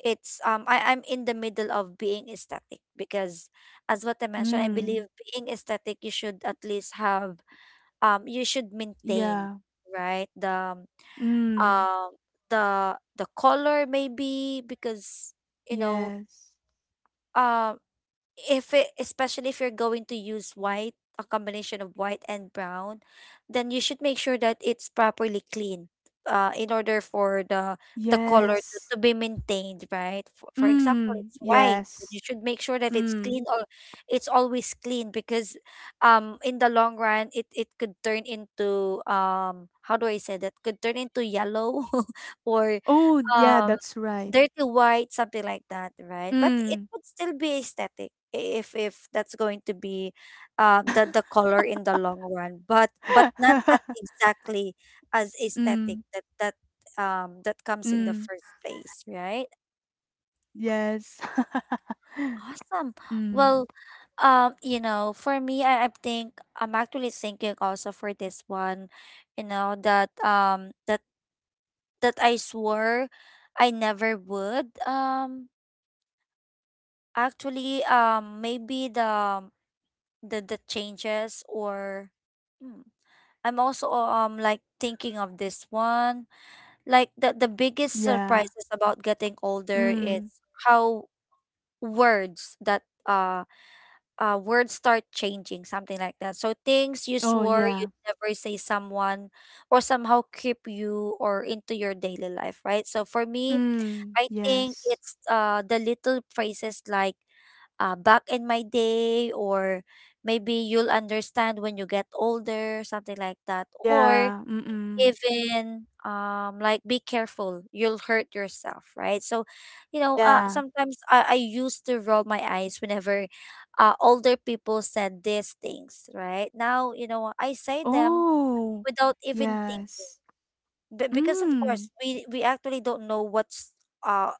S1: It's um I I'm in the middle of being aesthetic because as what I mentioned, I believe
S2: Mm.
S1: being aesthetic you should at least have um you should maintain,
S2: Yeah.
S1: right, the um
S2: Mm.
S1: uh, the the color maybe because you know
S2: Yes.
S1: um if it, especially if you're going to use white, a combination of white and brown, then you should make sure that it's properly clean, uh, in order for the the color to,
S2: Yes.
S1: to be maintained, right? For, for example,
S2: Mm,
S1: it's white. But You
S2: yes.
S1: should make sure that it's
S2: Mm.
S1: clean or it's always clean because, um, in the long run, it it could turn into, um, how do I say that? Could turn into yellow, or
S2: Oh, yeah,
S1: um
S2: that's right.
S1: dirty white, something like that, right? But it
S2: Mm.
S1: would still be aesthetic i- if if that's going to be um the the color in the long run, but but not at exactly as aesthetic
S2: Mm,
S1: that that um that comes in the
S2: mm,
S1: first place, right?
S2: yes.
S1: Awesome.
S2: Mm,
S1: Well, um you know, for me, I, I think I'm actually thinking also for this one, you know, that um that that I swore I never would. um Actually, um, maybe the the the changes or hmm, I'm also um like thinking of this one. Like the the biggest
S2: yeah.
S1: surprises about getting older is
S2: Mm.
S1: how words that uh uh words start changing, something like that. So things you
S2: Oh,
S1: swore
S2: yeah.
S1: you'd never say someone or somehow keep you or into your daily life, right? So for me,
S2: Mm,
S1: I think
S2: yes.
S1: it's uh the little phrases like uh, back in my day, or maybe you'll understand when you get older, something like that, or
S2: Yeah. Mm-mm.
S1: even um like be careful, you'll hurt yourself, right? So you know, uh
S2: Yeah.
S1: sometimes i, I used to roll my eyes whenever uh, older people said these things. Right now you know I say them
S2: Oh,
S1: without even think,
S2: yes.
S1: b- because of course
S2: Mm,
S1: we we actually don't know what's uh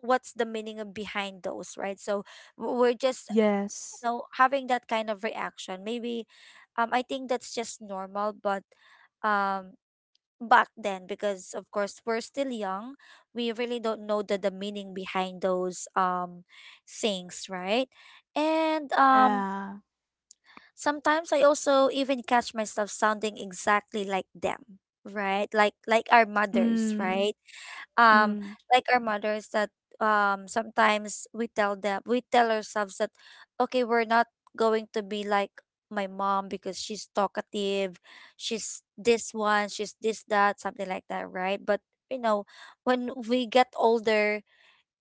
S1: what's the meaning of behind those, right? So w- we're just
S2: yes.
S1: know, having that kind of reaction. Maybe um I think that's just normal, but um back then because of course we're still young, we really don't know the, the meaning behind those um things, right? And um
S2: Yeah.
S1: sometimes I also even catch myself sounding exactly like them, right? Like like our mothers, mm,
S2: Mm,
S1: right? um
S2: mm,
S1: like our mothers that um sometimes we tell them we tell ourselves that okay, we're not going to be like my mom because she's talkative, she's this one, she's this that, something like that, right? But you know, when we get older,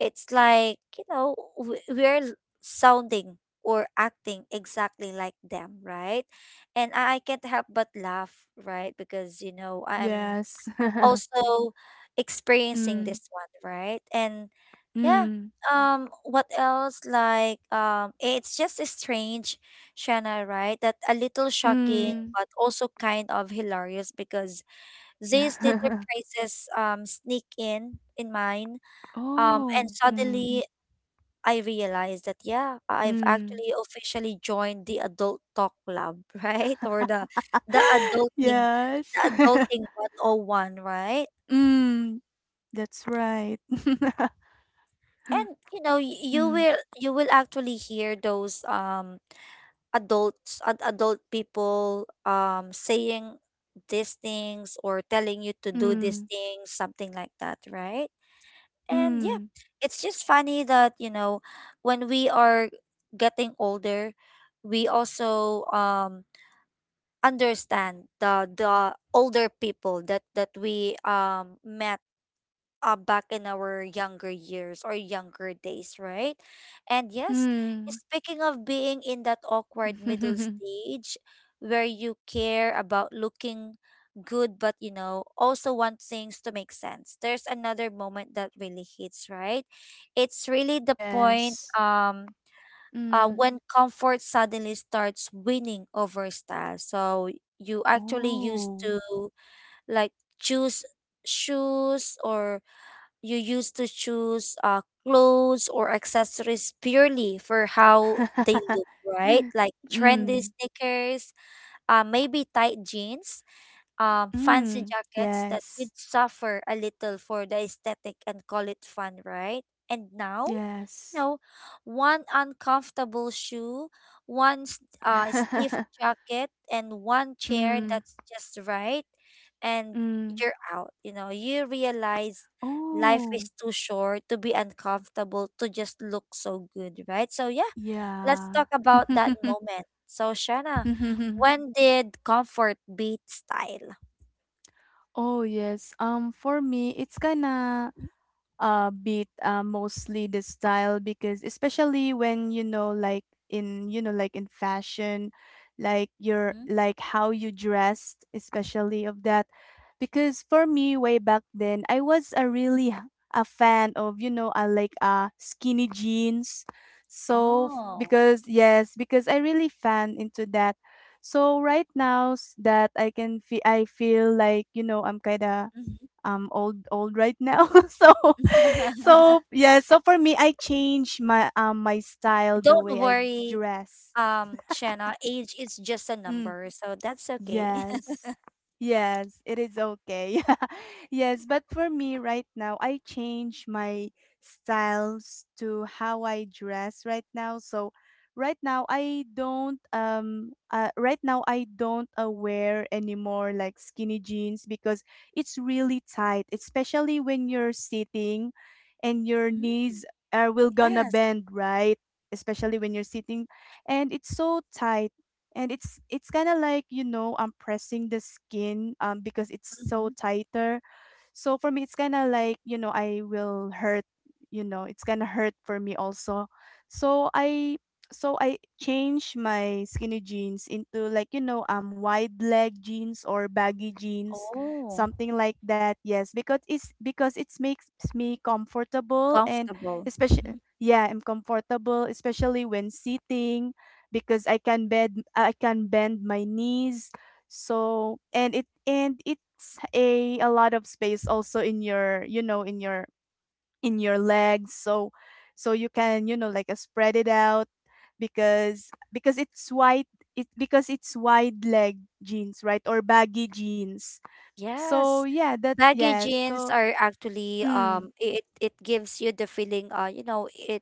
S1: it's like you know we, we're sounding or acting exactly like them, right? And I, I can't help but laugh, right? Because you know, I'm
S2: yes.
S1: also experiencing
S2: Mm,
S1: this one, right? And yeah,
S2: mm,
S1: um, what else? Like, um, eh, it's just strange, Shanna, right? That a little shocking,
S2: mm.
S1: but also kind of hilarious because these little prices um sneak in in mine. Um, and
S2: Oh, mm,
S1: suddenly I realized that yeah, I've
S2: mm.
S1: actually officially joined the adult talk club, right? Or the the adulting the
S2: Yes.
S1: adulting one oh one, right?
S2: Mm, that's right.
S1: And you know, y- you
S2: Mm,
S1: will you will actually hear those um adults ad- adult people um saying these things or telling you to do these
S2: mm,
S1: things, something like that, right? And yeah,
S2: mm,
S1: it's just funny that you know, when we are getting older, we also um understand the the older people that that we um met uh, back in our younger years or younger days, right? And yes,
S2: mm.
S1: speaking of being in that awkward middle stage where you care about looking good, but you know, also want things to make sense, there's another moment that really hits, right? It's really the point
S2: Yes.
S1: um, uh,
S2: Mm.
S1: when comfort suddenly starts winning over style. So you actually used
S2: Oh.
S1: to like choose shoes or you used to choose uh, clothes or accessories purely for how they look, right? Like trendy
S2: Mm,
S1: sneakers, uh, maybe tight jeans, um, fancy
S2: mm.
S1: jackets that
S2: Yes.
S1: you'd suffer a little for the aesthetic and call it fun, right? And now you
S2: Yes.
S1: know, one uncomfortable shoe, one s- uh, stiff jacket, and one chair
S2: Mm,
S1: that's just right, and
S2: mm.
S1: you're out. You know, you realize life
S2: Oh,
S1: is too short to be uncomfortable to just look so good, right? So, yeah, let's
S2: yeah.
S1: talk about that moment. So, Shanna, when did comfort beat style?
S2: Oh, yes. Um, for me, it's kinda uh beat uh, mostly the style because especially when you know like in you know like in fashion like your
S1: Mhm.
S2: like how you dressed especially of that because for me way back then I was a really h- a fan of you know I like uh skinny jeans so f-
S1: Oh.
S2: because yes because I really fan into that so right now s- that I can feel I feel like you know I'm kind of
S1: Mhm.
S2: um old old right now so so yeah so for me I change my um my style the
S1: Don't
S2: way I
S1: worry.
S2: dress
S1: um Shanna, age is just a
S2: Mm.
S1: number, so that's okay.
S2: Yes. Yes, it is okay. Yes, but for me right now, I change my styles to how I dress right now. So right now I don't um uh, right now I don't uh, wear anymore like skinny jeans because it's really tight, especially when you're sitting and your
S1: Mm,
S2: knees are will gonna
S1: yes.
S2: bend, right? Especially when you're sitting and it's so tight and it's it's kind of like you know I'm pressing the skin um because it's so
S1: Mm-hmm.
S2: tighter so for me, it's kind of like, you know, I will hurt, you know, it's kind of hurt for me also. So I so I changed my skinny jeans into like, you know, um wide leg jeans or baggy jeans,
S1: Oh,
S2: something like that. Yes, because it's because it makes me comfortable and
S1: comfortable. Mm-hmm.
S2: especially yeah, I'm comfortable especially when sitting because I can bend I can bend my knees so and it and it's a a lot of space also in your you know in your in your legs. So so you can you know like uh, spread it out because because it's wide it because it's wide leg jeans right or baggy jeans. So
S1: Yes.
S2: yeah, that's
S1: Baggy
S2: yeah.
S1: jeans
S2: So
S1: are actually
S2: mm,
S1: um it it gives you the feeling, uh you know it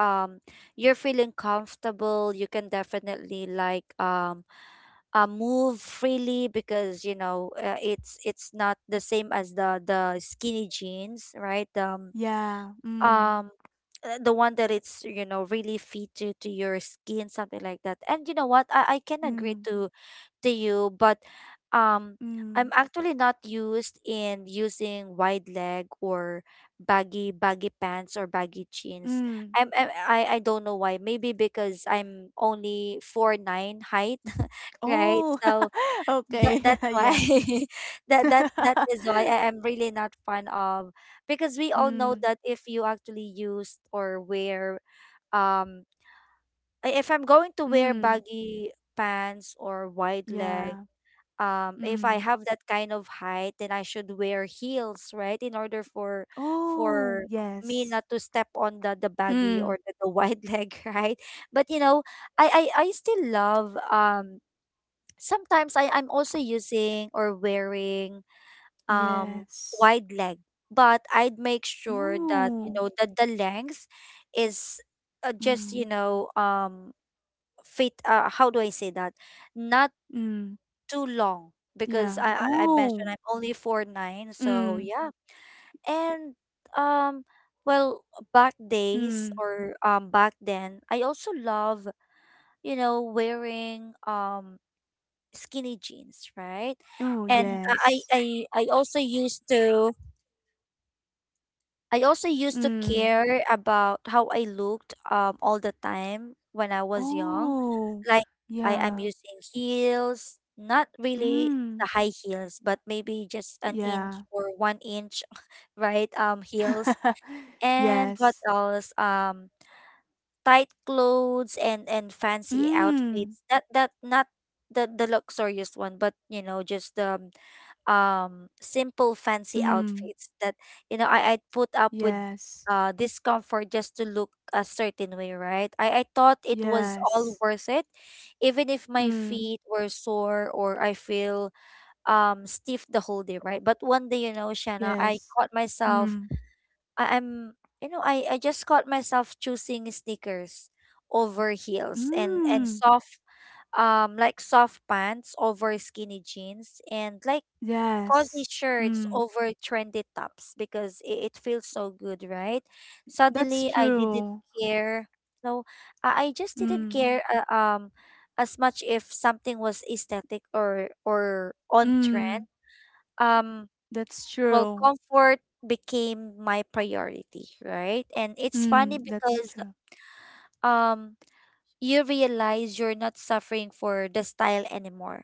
S1: um you're feeling comfortable. You can definitely, like, um uh, move freely because you know, uh, it's it's not the same as the the skinny jeans, right? um
S2: yeah. Mm,
S1: um uh, the one that it's, you know, really fit to, to your skin, something like that. And you know what, I, I can agree
S2: mm,
S1: to to you, but um I'm
S2: mm,
S1: actually not used in using wide leg or baggy baggy pants or baggy jeans.
S2: mm.
S1: I'm, I'm i i don't know why, maybe because I'm only four nine height, right,
S2: Oh,
S1: so that,
S2: okay.
S1: that's why.
S2: Yeah.
S1: that that that is why I am really not fond of, because we all know
S2: mm,
S1: that if you actually used or wear, um i- if I'm going to wear
S2: mm,
S1: baggy pants or wide leg,
S2: yeah.
S1: um if I
S2: Mm.
S1: have that kind of height, then I should wear heels, right, in order for
S2: Oh,
S1: for me
S2: yes.
S1: not to step on the the baggy
S2: Mm.
S1: or the, the wide leg, right. But you know, I, I I still love, um sometimes I I'm also using or wearing um
S2: Yes.
S1: wide leg, but I'd make sure that you
S2: Oh.
S1: know that the length is, uh, just, you
S2: Mm.
S1: know, um fit. Uh, how do I say that? Not
S2: Mm.
S1: too long because
S2: Yeah.
S1: I I I mentioned
S2: Oh.
S1: I'm only four nine, so
S2: Mm.
S1: yeah. and um. Well, back days
S2: Mm.
S1: or um back then, I also love, you know, wearing um skinny jeans, right?
S2: Oh,
S1: And I
S2: yes.
S1: I I also used to I also used to
S2: Mm.
S1: care about how I looked um all the time when I was young.
S2: Oh.
S1: Like I am
S2: Yeah.
S1: using heels, not really the
S2: Mm.
S1: high heels, but maybe just an inch
S2: Yeah.
S1: or one inch, right? Um heels. And what
S2: Yes.
S1: else? Um tight clothes and and fancy outfits.
S2: Mm.
S1: That that not the the luxurious one, but you know, just the um simple fancy
S2: Mm.
S1: outfits that, you know, I, I put up with
S2: Yes.
S1: uh discomfort just to look a certain way, right? I, I thought it was all
S2: Yes.
S1: worth it. Even if my
S2: Mm.
S1: feet were sore or I feel um stiff the whole day, right? But one day, you know, Shanna, I
S2: Yes.
S1: caught myself.
S2: Mm.
S1: I, I'm you know, I, I just caught myself choosing sneakers over heels and and
S2: Mm.
S1: soft, um like, soft pants over skinny jeans and like cozy
S2: Yes.
S1: shirts
S2: Mm.
S1: over trendy tops because it, it feels so good, right?
S2: That's
S1: Suddenly, I didn't
S2: true.
S1: care. No, I, I just didn't
S2: Mm,
S1: care uh, um as much if something was aesthetic or or on trend.
S2: mm,
S1: Um,
S2: that's
S1: well,
S2: true.
S1: comfort became my priority, right? And it's funny
S2: Mm, that's
S1: because
S2: true.
S1: um you realize you're not suffering for the style anymore.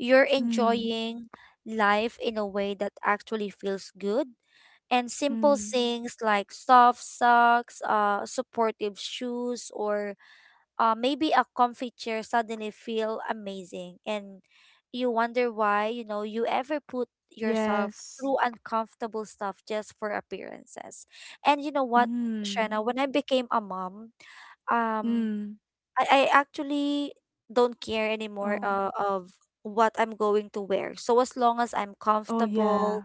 S1: You're
S2: Mm,
S1: enjoying life in a way that actually feels good, and simple
S2: mm,
S1: things like soft socks, uh, supportive shoes, or uh, maybe a comfy chair suddenly feel amazing. And you wonder why, you know, you ever put yourself
S2: yes.
S1: through uncomfortable stuff just for appearances. And you know what,
S2: Mm,
S1: Shanna, when I became a mom, um,
S2: mm,
S1: I, I actually don't care anymore,
S2: oh,
S1: uh, of what I'm going to wear. So as long as I'm
S2: oh, yeah.
S1: comfortable,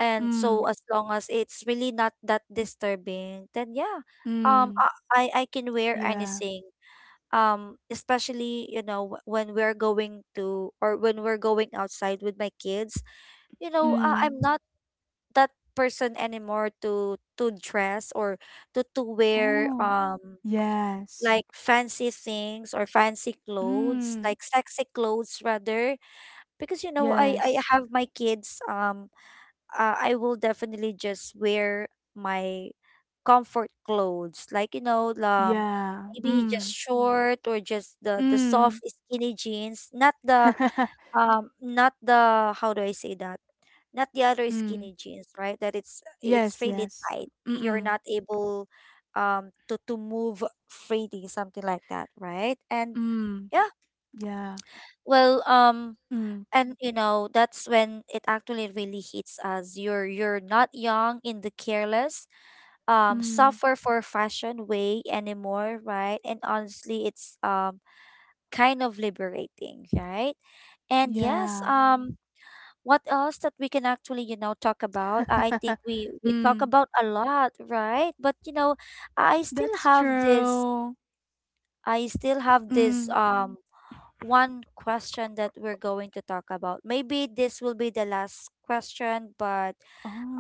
S1: and
S2: Mm,
S1: so as long as it's really not that disturbing, then yeah, um,
S2: mm,
S1: I I I can wear
S2: yeah.
S1: anything. Um, especially, you know, wh- when we're going to, or when we're going outside with my kids, you know, uh,
S2: Mm,
S1: I'm not that person anymore to to dress or to to wear
S2: oh,
S1: um
S2: yes.
S1: like fancy things or fancy clothes,
S2: Mm,
S1: like sexy clothes rather, because you know, I I
S2: yes.
S1: have my kids, um uh, I will definitely just wear my comfort clothes, like, you know, um
S2: Yeah.
S1: maybe just
S2: Mm,
S1: short, or just the the
S2: mm.
S1: soft skinny jeans, not the, um not the, how do I say that, not the other
S2: Mm,
S1: skinny jeans, right, that it's it's
S2: yes,
S1: really
S2: yes.
S1: tight,
S2: Mm,
S1: you're
S2: mm,
S1: not able, um to to move freely, something like that, right. And
S2: mm,
S1: yeah,
S2: yeah.
S1: well, um
S2: Mm,
S1: and you know, that's when it actually really hits us. You're you're not young in the careless, um
S2: mm,
S1: suffer for fashion way anymore, right. And honestly it's, um kind of liberating, right. And yes,
S2: yeah.
S1: um what else that we can actually, you know, talk about? I I think we we talk
S2: Mm.
S1: about a lot, right, but you know, i still
S2: That's
S1: have this
S2: true.
S1: i still have this
S2: Mm.
S1: um one question that we're going to talk about. Maybe this will be the last question, but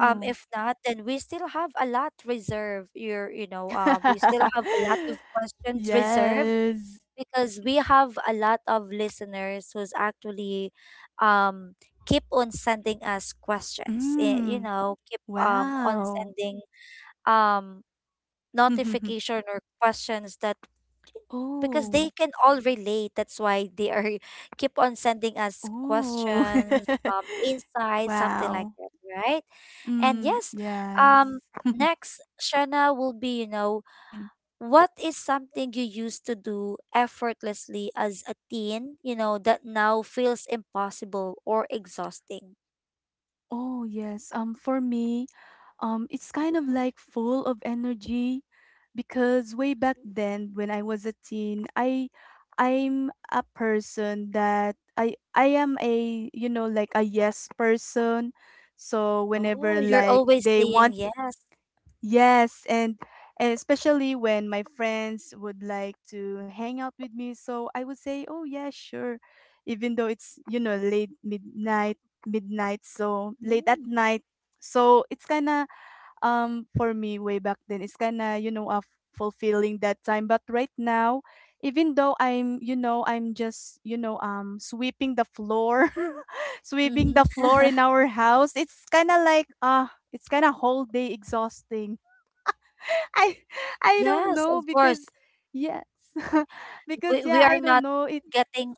S1: um, if not, then we still have a lot reserved. You're, you know, uh, we still have a lot of questions reserved
S2: Yes.
S1: because we have a lot of listeners who's actually um keep on sending us questions. eh, You
S2: Mm.
S1: know, keep um on
S2: Wow.
S1: sending um notification or questions, that because they
S2: Oh.
S1: can all relate. That's why they are keep on sending us
S2: Oh.
S1: questions, um, insights, something like
S2: Wow.
S1: that, right? And
S2: Mm.
S1: yes, um,
S2: Yes.
S1: next, Shana, will be, you know,
S2: Mm.
S1: what is something you used to do effortlessly as a teen, you know, that now feels impossible or exhausting?
S2: Oh, yes. Um, for me, um, it's kind of
S1: Mhm.
S2: like full of energy because way back
S1: Mhm.
S2: then when I was a teen, I I'm a person that I I am a you know like a yes person. So
S1: Oh,
S2: whenever
S1: you're
S2: like
S1: always
S2: they
S1: saying
S2: want
S1: yes.
S2: yes and and especially when my friends would like to hang out with me, so I would say, "Oh yeah, sure." Even though it's you know late midnight midnight so late at
S1: Mm.
S2: night so it's kind of um, for me way back then it's kind of you know uh, fulfilling that time but right now even though I'm you know I'm just you know um sweeping the floor sweeping
S1: Mhm.
S2: the floor in our house it's kind of like uh it's kind of whole day exhausting i i don't
S1: Yes,
S2: know
S1: of course.
S2: because yes because
S1: We we
S2: yeah I
S1: are
S2: don't
S1: not
S2: know it
S1: getting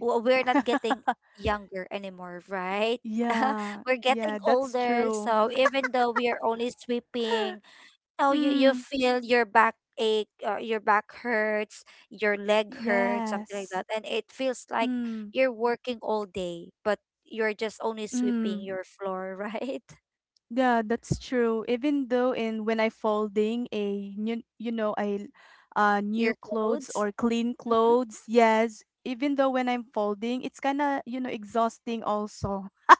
S1: w- we're not getting younger anymore, right?
S2: yeah
S1: We're
S2: yeah
S1: getting
S2: that's
S1: older,
S2: true
S1: so even though we are only sweeping, know, you you
S2: mm
S1: feel your back ache, uh, your back hurts, your leg hurts, something like
S2: yes
S1: that, and it feels like
S2: mm
S1: you're working all day, but you're just only sweeping
S2: mm
S1: your floor, right.
S2: Yeah, that's true. Even though in when I folding a new, you know, I uh new
S1: Your
S2: clothes
S1: clothes.
S2: or clean
S1: Hmm.
S2: clothes, yes, even though when I'm folding, it's kind of, you know, exhausting also.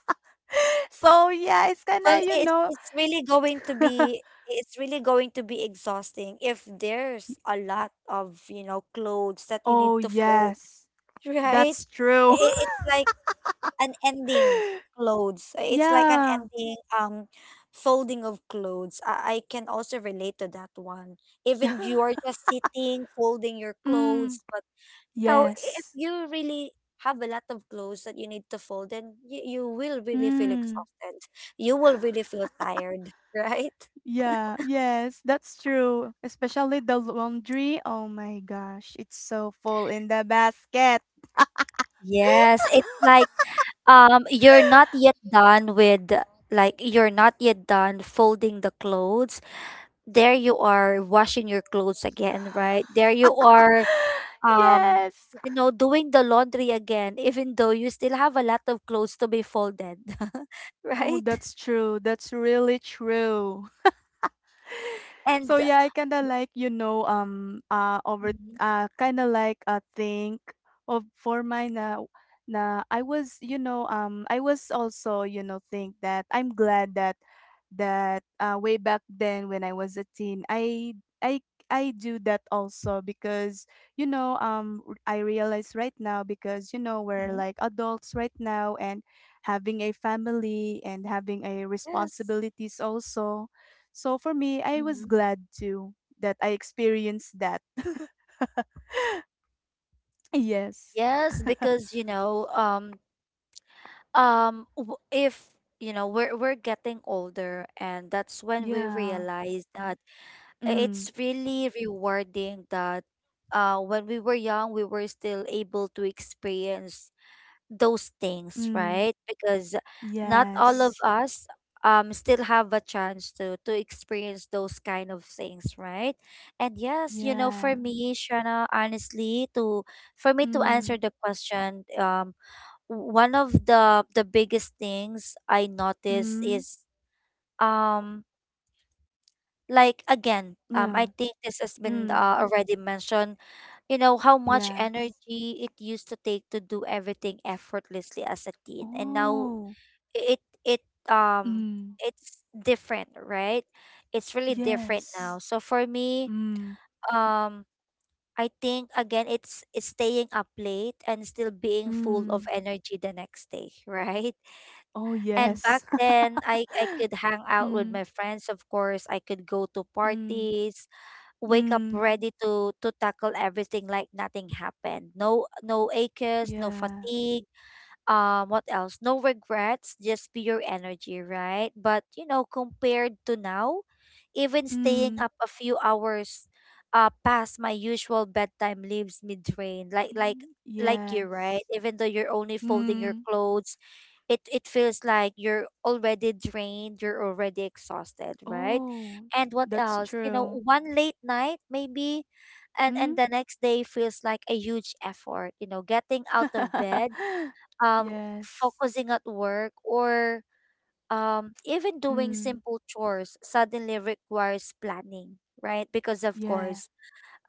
S2: So, yeah, it's kind
S1: well
S2: of, you
S1: it's
S2: know,
S1: it's really going to be it's really going to be exhausting if there's a lot of, you know, clothes that you need
S2: oh,
S1: to fold,
S2: yes.
S1: right.
S2: That's true.
S1: I- it's like an ending clothes. Uh, It's like an
S2: Yeah.
S1: ending, um folding of clothes. I, I can also relate to that one. Even you are just sitting, folding your
S2: Mm,
S1: clothes, but you know, if
S2: yes.
S1: you really have a lot of clothes that you need to fold, then you, you will really feel
S2: Mm,
S1: exhausted. You will really feel tired, right?
S2: yeah, yes, that's true. Especially the laundry. Oh my gosh, it's so full in the basket.
S1: Yes, it's like, um you're not yet done with like you're not yet done folding the clothes, there you are washing your clothes again, right? There you are, um
S2: Yes.
S1: you know doing the laundry again, even though you still have a lot of clothes to be folded.
S2: Oh,
S1: Right?
S2: that's true. That's really true.
S1: And
S2: So yeah, I kind of like you know um uh over
S1: mhm,
S2: uh kind of like uh think of for mine na na I was you know um I was also you know think that I'm glad that that uh way back then when I was a teen I I I do that also because you know um r- I realize right now because you know we're
S1: mhm,
S2: like adults right now and having a family and having a
S1: yes.
S2: responsibilities also so for me, I was
S1: Hmm.
S2: glad too that I experienced that. Yes.
S1: Yes, because you know, um um w- if you know, we're we're getting older, and that's when we
S2: Yeah.
S1: realize that
S2: Mm.
S1: it's really rewarding that, uh when we were young, we were still able to experience those things,
S2: Mm.
S1: right? Because not all
S2: Yes.
S1: of us, um still have a chance to to experience those kind of things, right? And yes, you know,
S2: Yeah.
S1: for me, Shana, honestly, to for me to answer
S2: Mm.
S1: the question, um, one of the the biggest things I notice
S2: Mm.
S1: is, um like, again, um
S2: Yeah.
S1: I think this has been,
S2: Mm.
S1: uh, already mentioned, you know, how much
S2: Yes.
S1: energy it used to take to do everything effortlessly as a teen, and now
S2: Oh.
S1: it it um
S2: Mm.
S1: it's different, right, it's really different now.
S2: Yes.
S1: So for me,
S2: Mm.
S1: um I think, again, it's, it's staying up late and still being full of
S2: Mm.
S1: energy the next day, right.
S2: Oh
S1: And back
S2: yes.
S1: then, i i could hang out with
S2: Mm.
S1: my friends, of course, I could go to
S2: Mm.
S1: parties, wake up
S2: Mm.
S1: ready to to tackle everything, like nothing happened, no no aches, no
S2: Yeah.
S1: fatigue, um what else, no regrets, just pure energy, right. But you know, compared to now, even staying
S2: Mm.
S1: up a few hours uh past my usual bedtime leaves me drained, like like
S2: Mm.
S1: like you, right,
S2: Yes.
S1: even though you're only folding your
S2: Mm.
S1: clothes, it it feels like you're already drained, you're already exhausted, right.
S2: Oh,
S1: And what
S2: that's
S1: else, you know,
S2: true.
S1: one late night maybe, and and
S2: Mm.
S1: the next day feels like a huge effort, you know, getting out of bed, um,
S2: Yes.
S1: focusing at work, or um, even doing
S2: Mm.
S1: simple chores suddenly requires planning, right? Because, of
S2: Yeah.
S1: course,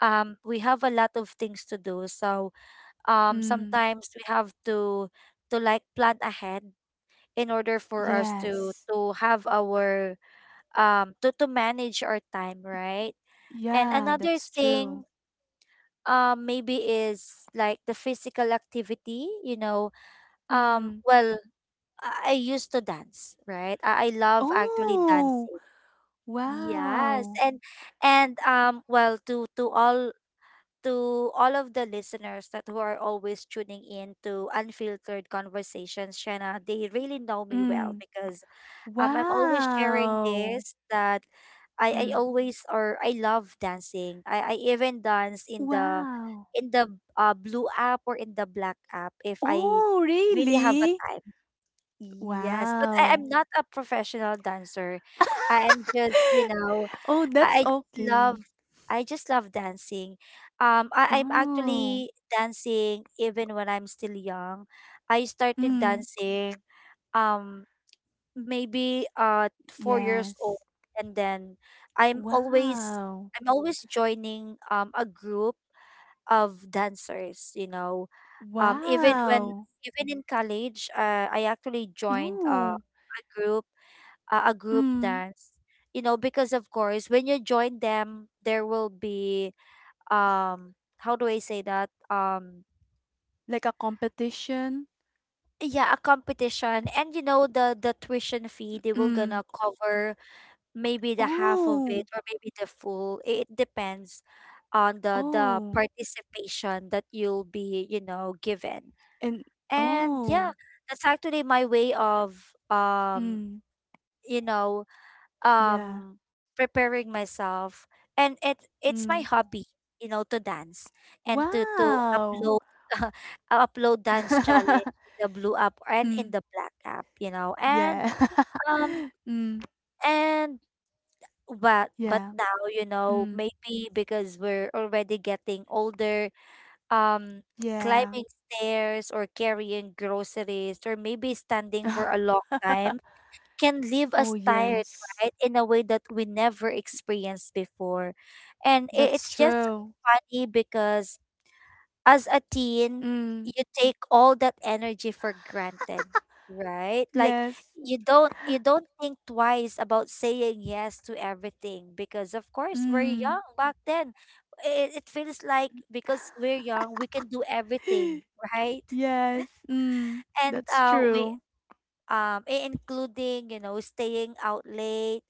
S1: um, we have a lot of things to do. So um,
S2: Mm.
S1: sometimes we have to to like plan ahead in order for us to
S2: Yes.
S1: to have our um to to manage our time, right. And
S2: Yeah,
S1: another
S2: that's true.
S1: thing, um maybe, is like the physical activity, you know, um
S2: Mm.
S1: well, I I used to dance, right? I, I love actually
S2: Oh,
S1: dancing. Yes.
S2: wow.
S1: And and um well, to to all to all of the listeners that who are always tuning in to Unfiltered Conversations, Shanna, they really know me well
S2: Mm.
S1: because, um I'm always sharing
S2: Wow.
S1: this that, I, I
S2: Mm.
S1: always or I love dancing. I, I even dance in the,
S2: Wow.
S1: in the uh, blue app or in the black app, if I
S2: Oh,
S1: really have a
S2: really?
S1: time. Yes, but I am
S2: Wow.
S1: not a professional dancer. I am just, you know,
S2: Oh, that's
S1: I, I just love
S2: okay.
S1: I just love dancing. Um, I, I'm
S2: Oh.
S1: actually dancing even when I'm still young. I started
S2: Mm.
S1: dancing, um maybe, uh four years old,
S2: Yes.
S1: and then, I'm always
S2: Wow.
S1: I'm always joining, um a group of dancers, you know, um even when
S2: Wow.
S1: even in college, uh, I actually joined, uh,
S2: Oh.
S1: a group uh, a group
S2: Mm,
S1: dance, you know, because of course when you join them there will be, um how do I say that, um
S2: like a competition?
S1: yeah, a competition. And you know, the the tuition fee, they will gonna
S2: Mm.
S1: cover maybe the half of it,
S2: Oh,
S1: or maybe the full, it it depends on the the
S2: oh,
S1: participation that you'll be, you know, given.
S2: and
S1: And yeah,
S2: oh,
S1: that's actually my way of, um,
S2: mm,
S1: you know,
S2: yeah,
S1: um preparing myself. And it it's
S2: mm.
S1: my hobby, you know, to dance, and to to
S2: Wow.
S1: upload uh, upload dance challenge in the blue app and in
S2: Mm,
S1: the black app, you know. And
S2: yeah.
S1: um
S2: Mm,
S1: and but but
S2: yeah.
S1: now, you know,
S2: Mm,
S1: maybe because we're already getting older, um
S2: yeah.
S1: climbing stairs, or carrying groceries, or maybe standing for a long time, can leave
S2: Oh,
S1: us tired,
S2: yes.
S1: right, in a way that we never experienced before. And i-
S2: That's
S1: it's just
S2: true.
S1: funny because, as a teen,
S2: Mm,
S1: you take all that energy for granted, right? Like
S2: yes.
S1: you don't you don't think twice about saying yes to everything, because of course we're
S2: Mm.
S1: young back then. It, it feels like because we're young, we can do everything, right?
S2: Yes. Mm,
S1: And
S2: that's
S1: uh we
S2: true.
S1: um i- including, you know, staying out late,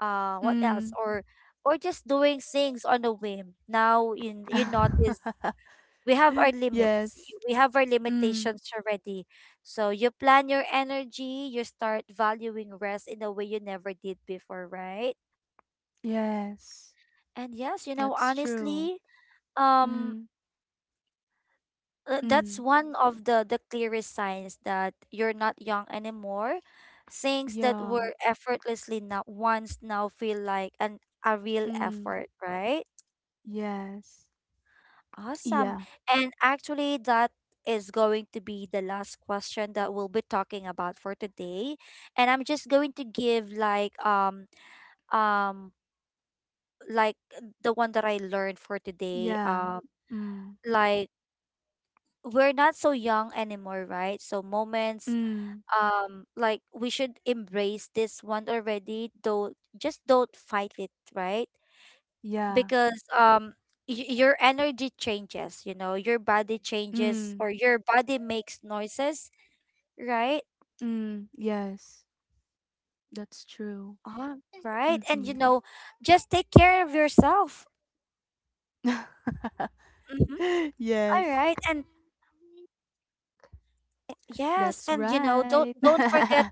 S1: uh what else,
S2: Mm.
S1: or or just doing things on a whim. Now you you notice we have our limits
S2: Yes.
S1: y- we have our
S2: Mm,
S1: limitations already, so you plan your energy, you start valuing rest in a way you never did before, right.
S2: yes,
S1: And yes, you know,
S2: that's true.
S1: honestly, um
S2: Mm,
S1: uh, that's
S2: mm,
S1: one of the the clearest signs that you're not young anymore, things that
S2: yeah,
S1: were effortlessly not once, now feel like an a real
S2: mm,
S1: effort, right.
S2: yes,
S1: Awesome.
S2: yeah,
S1: And actually, that is going to be the last question that we'll be talking about for today. And I'm just going to give, like, um um like, the one that I learned for today.
S2: yeah,
S1: Um
S2: mm,
S1: like, we're not so young anymore, right? So moments,
S2: mm,
S1: um like, we should embrace this one already, though. Just don't fight it, right?
S2: yeah,
S1: Because, um y- your energy changes, you know, your body changes,
S2: mm,
S1: or your body makes noises, right.
S2: mm, yes, that's true.
S1: Oh, right, and you
S2: Mm-hmm.
S1: know, just take care of yourself. Mm-hmm. All
S2: Yes,
S1: right. And yes,
S2: that's
S1: and you know,
S2: right.
S1: don't don't forget,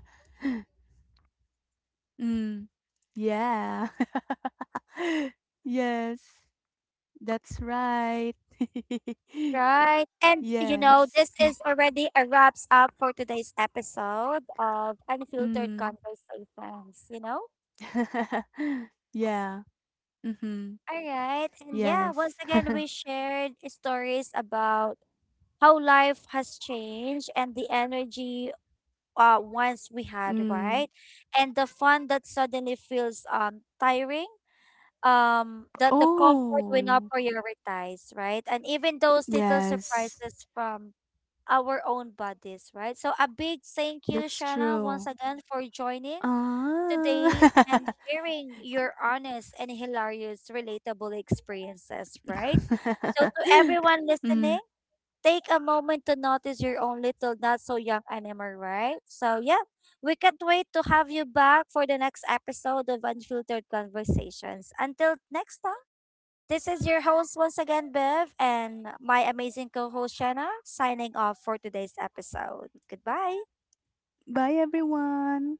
S2: Mm, yeah. Yes, that's right.
S1: right, and you know,
S2: Yes.
S1: this is already a wraps up for today's episode of Unfiltered
S2: Mm.
S1: Conversations, you know.
S2: Yeah. Mhm.
S1: All right, and yeah, once
S2: Yes.
S1: again, we shared stories about how life has changed, and the energy, uh, once we had,
S2: Mm.
S1: right? And the fun that suddenly feels, um, tiring, um, that the comfort we not
S2: Oh,
S1: prioritize, right? And even those little
S2: yes.
S1: surprises from our own bodies, right? So a big thank you,
S2: That's
S1: Shana,
S2: true.
S1: once again for joining
S2: Ah.
S1: today, and sharing your honest and hilarious, relatable experiences, right? So to everyone
S2: Mm.
S1: listening, take a moment to notice your own little not so young animal, right? So, yeah, we can't wait to have you back for the next episode of Unfiltered Conversations. Until next time, this is your host once again, Bev, and my amazing co host, Shanna, signing off for today's episode. Goodbye.
S2: Bye, everyone.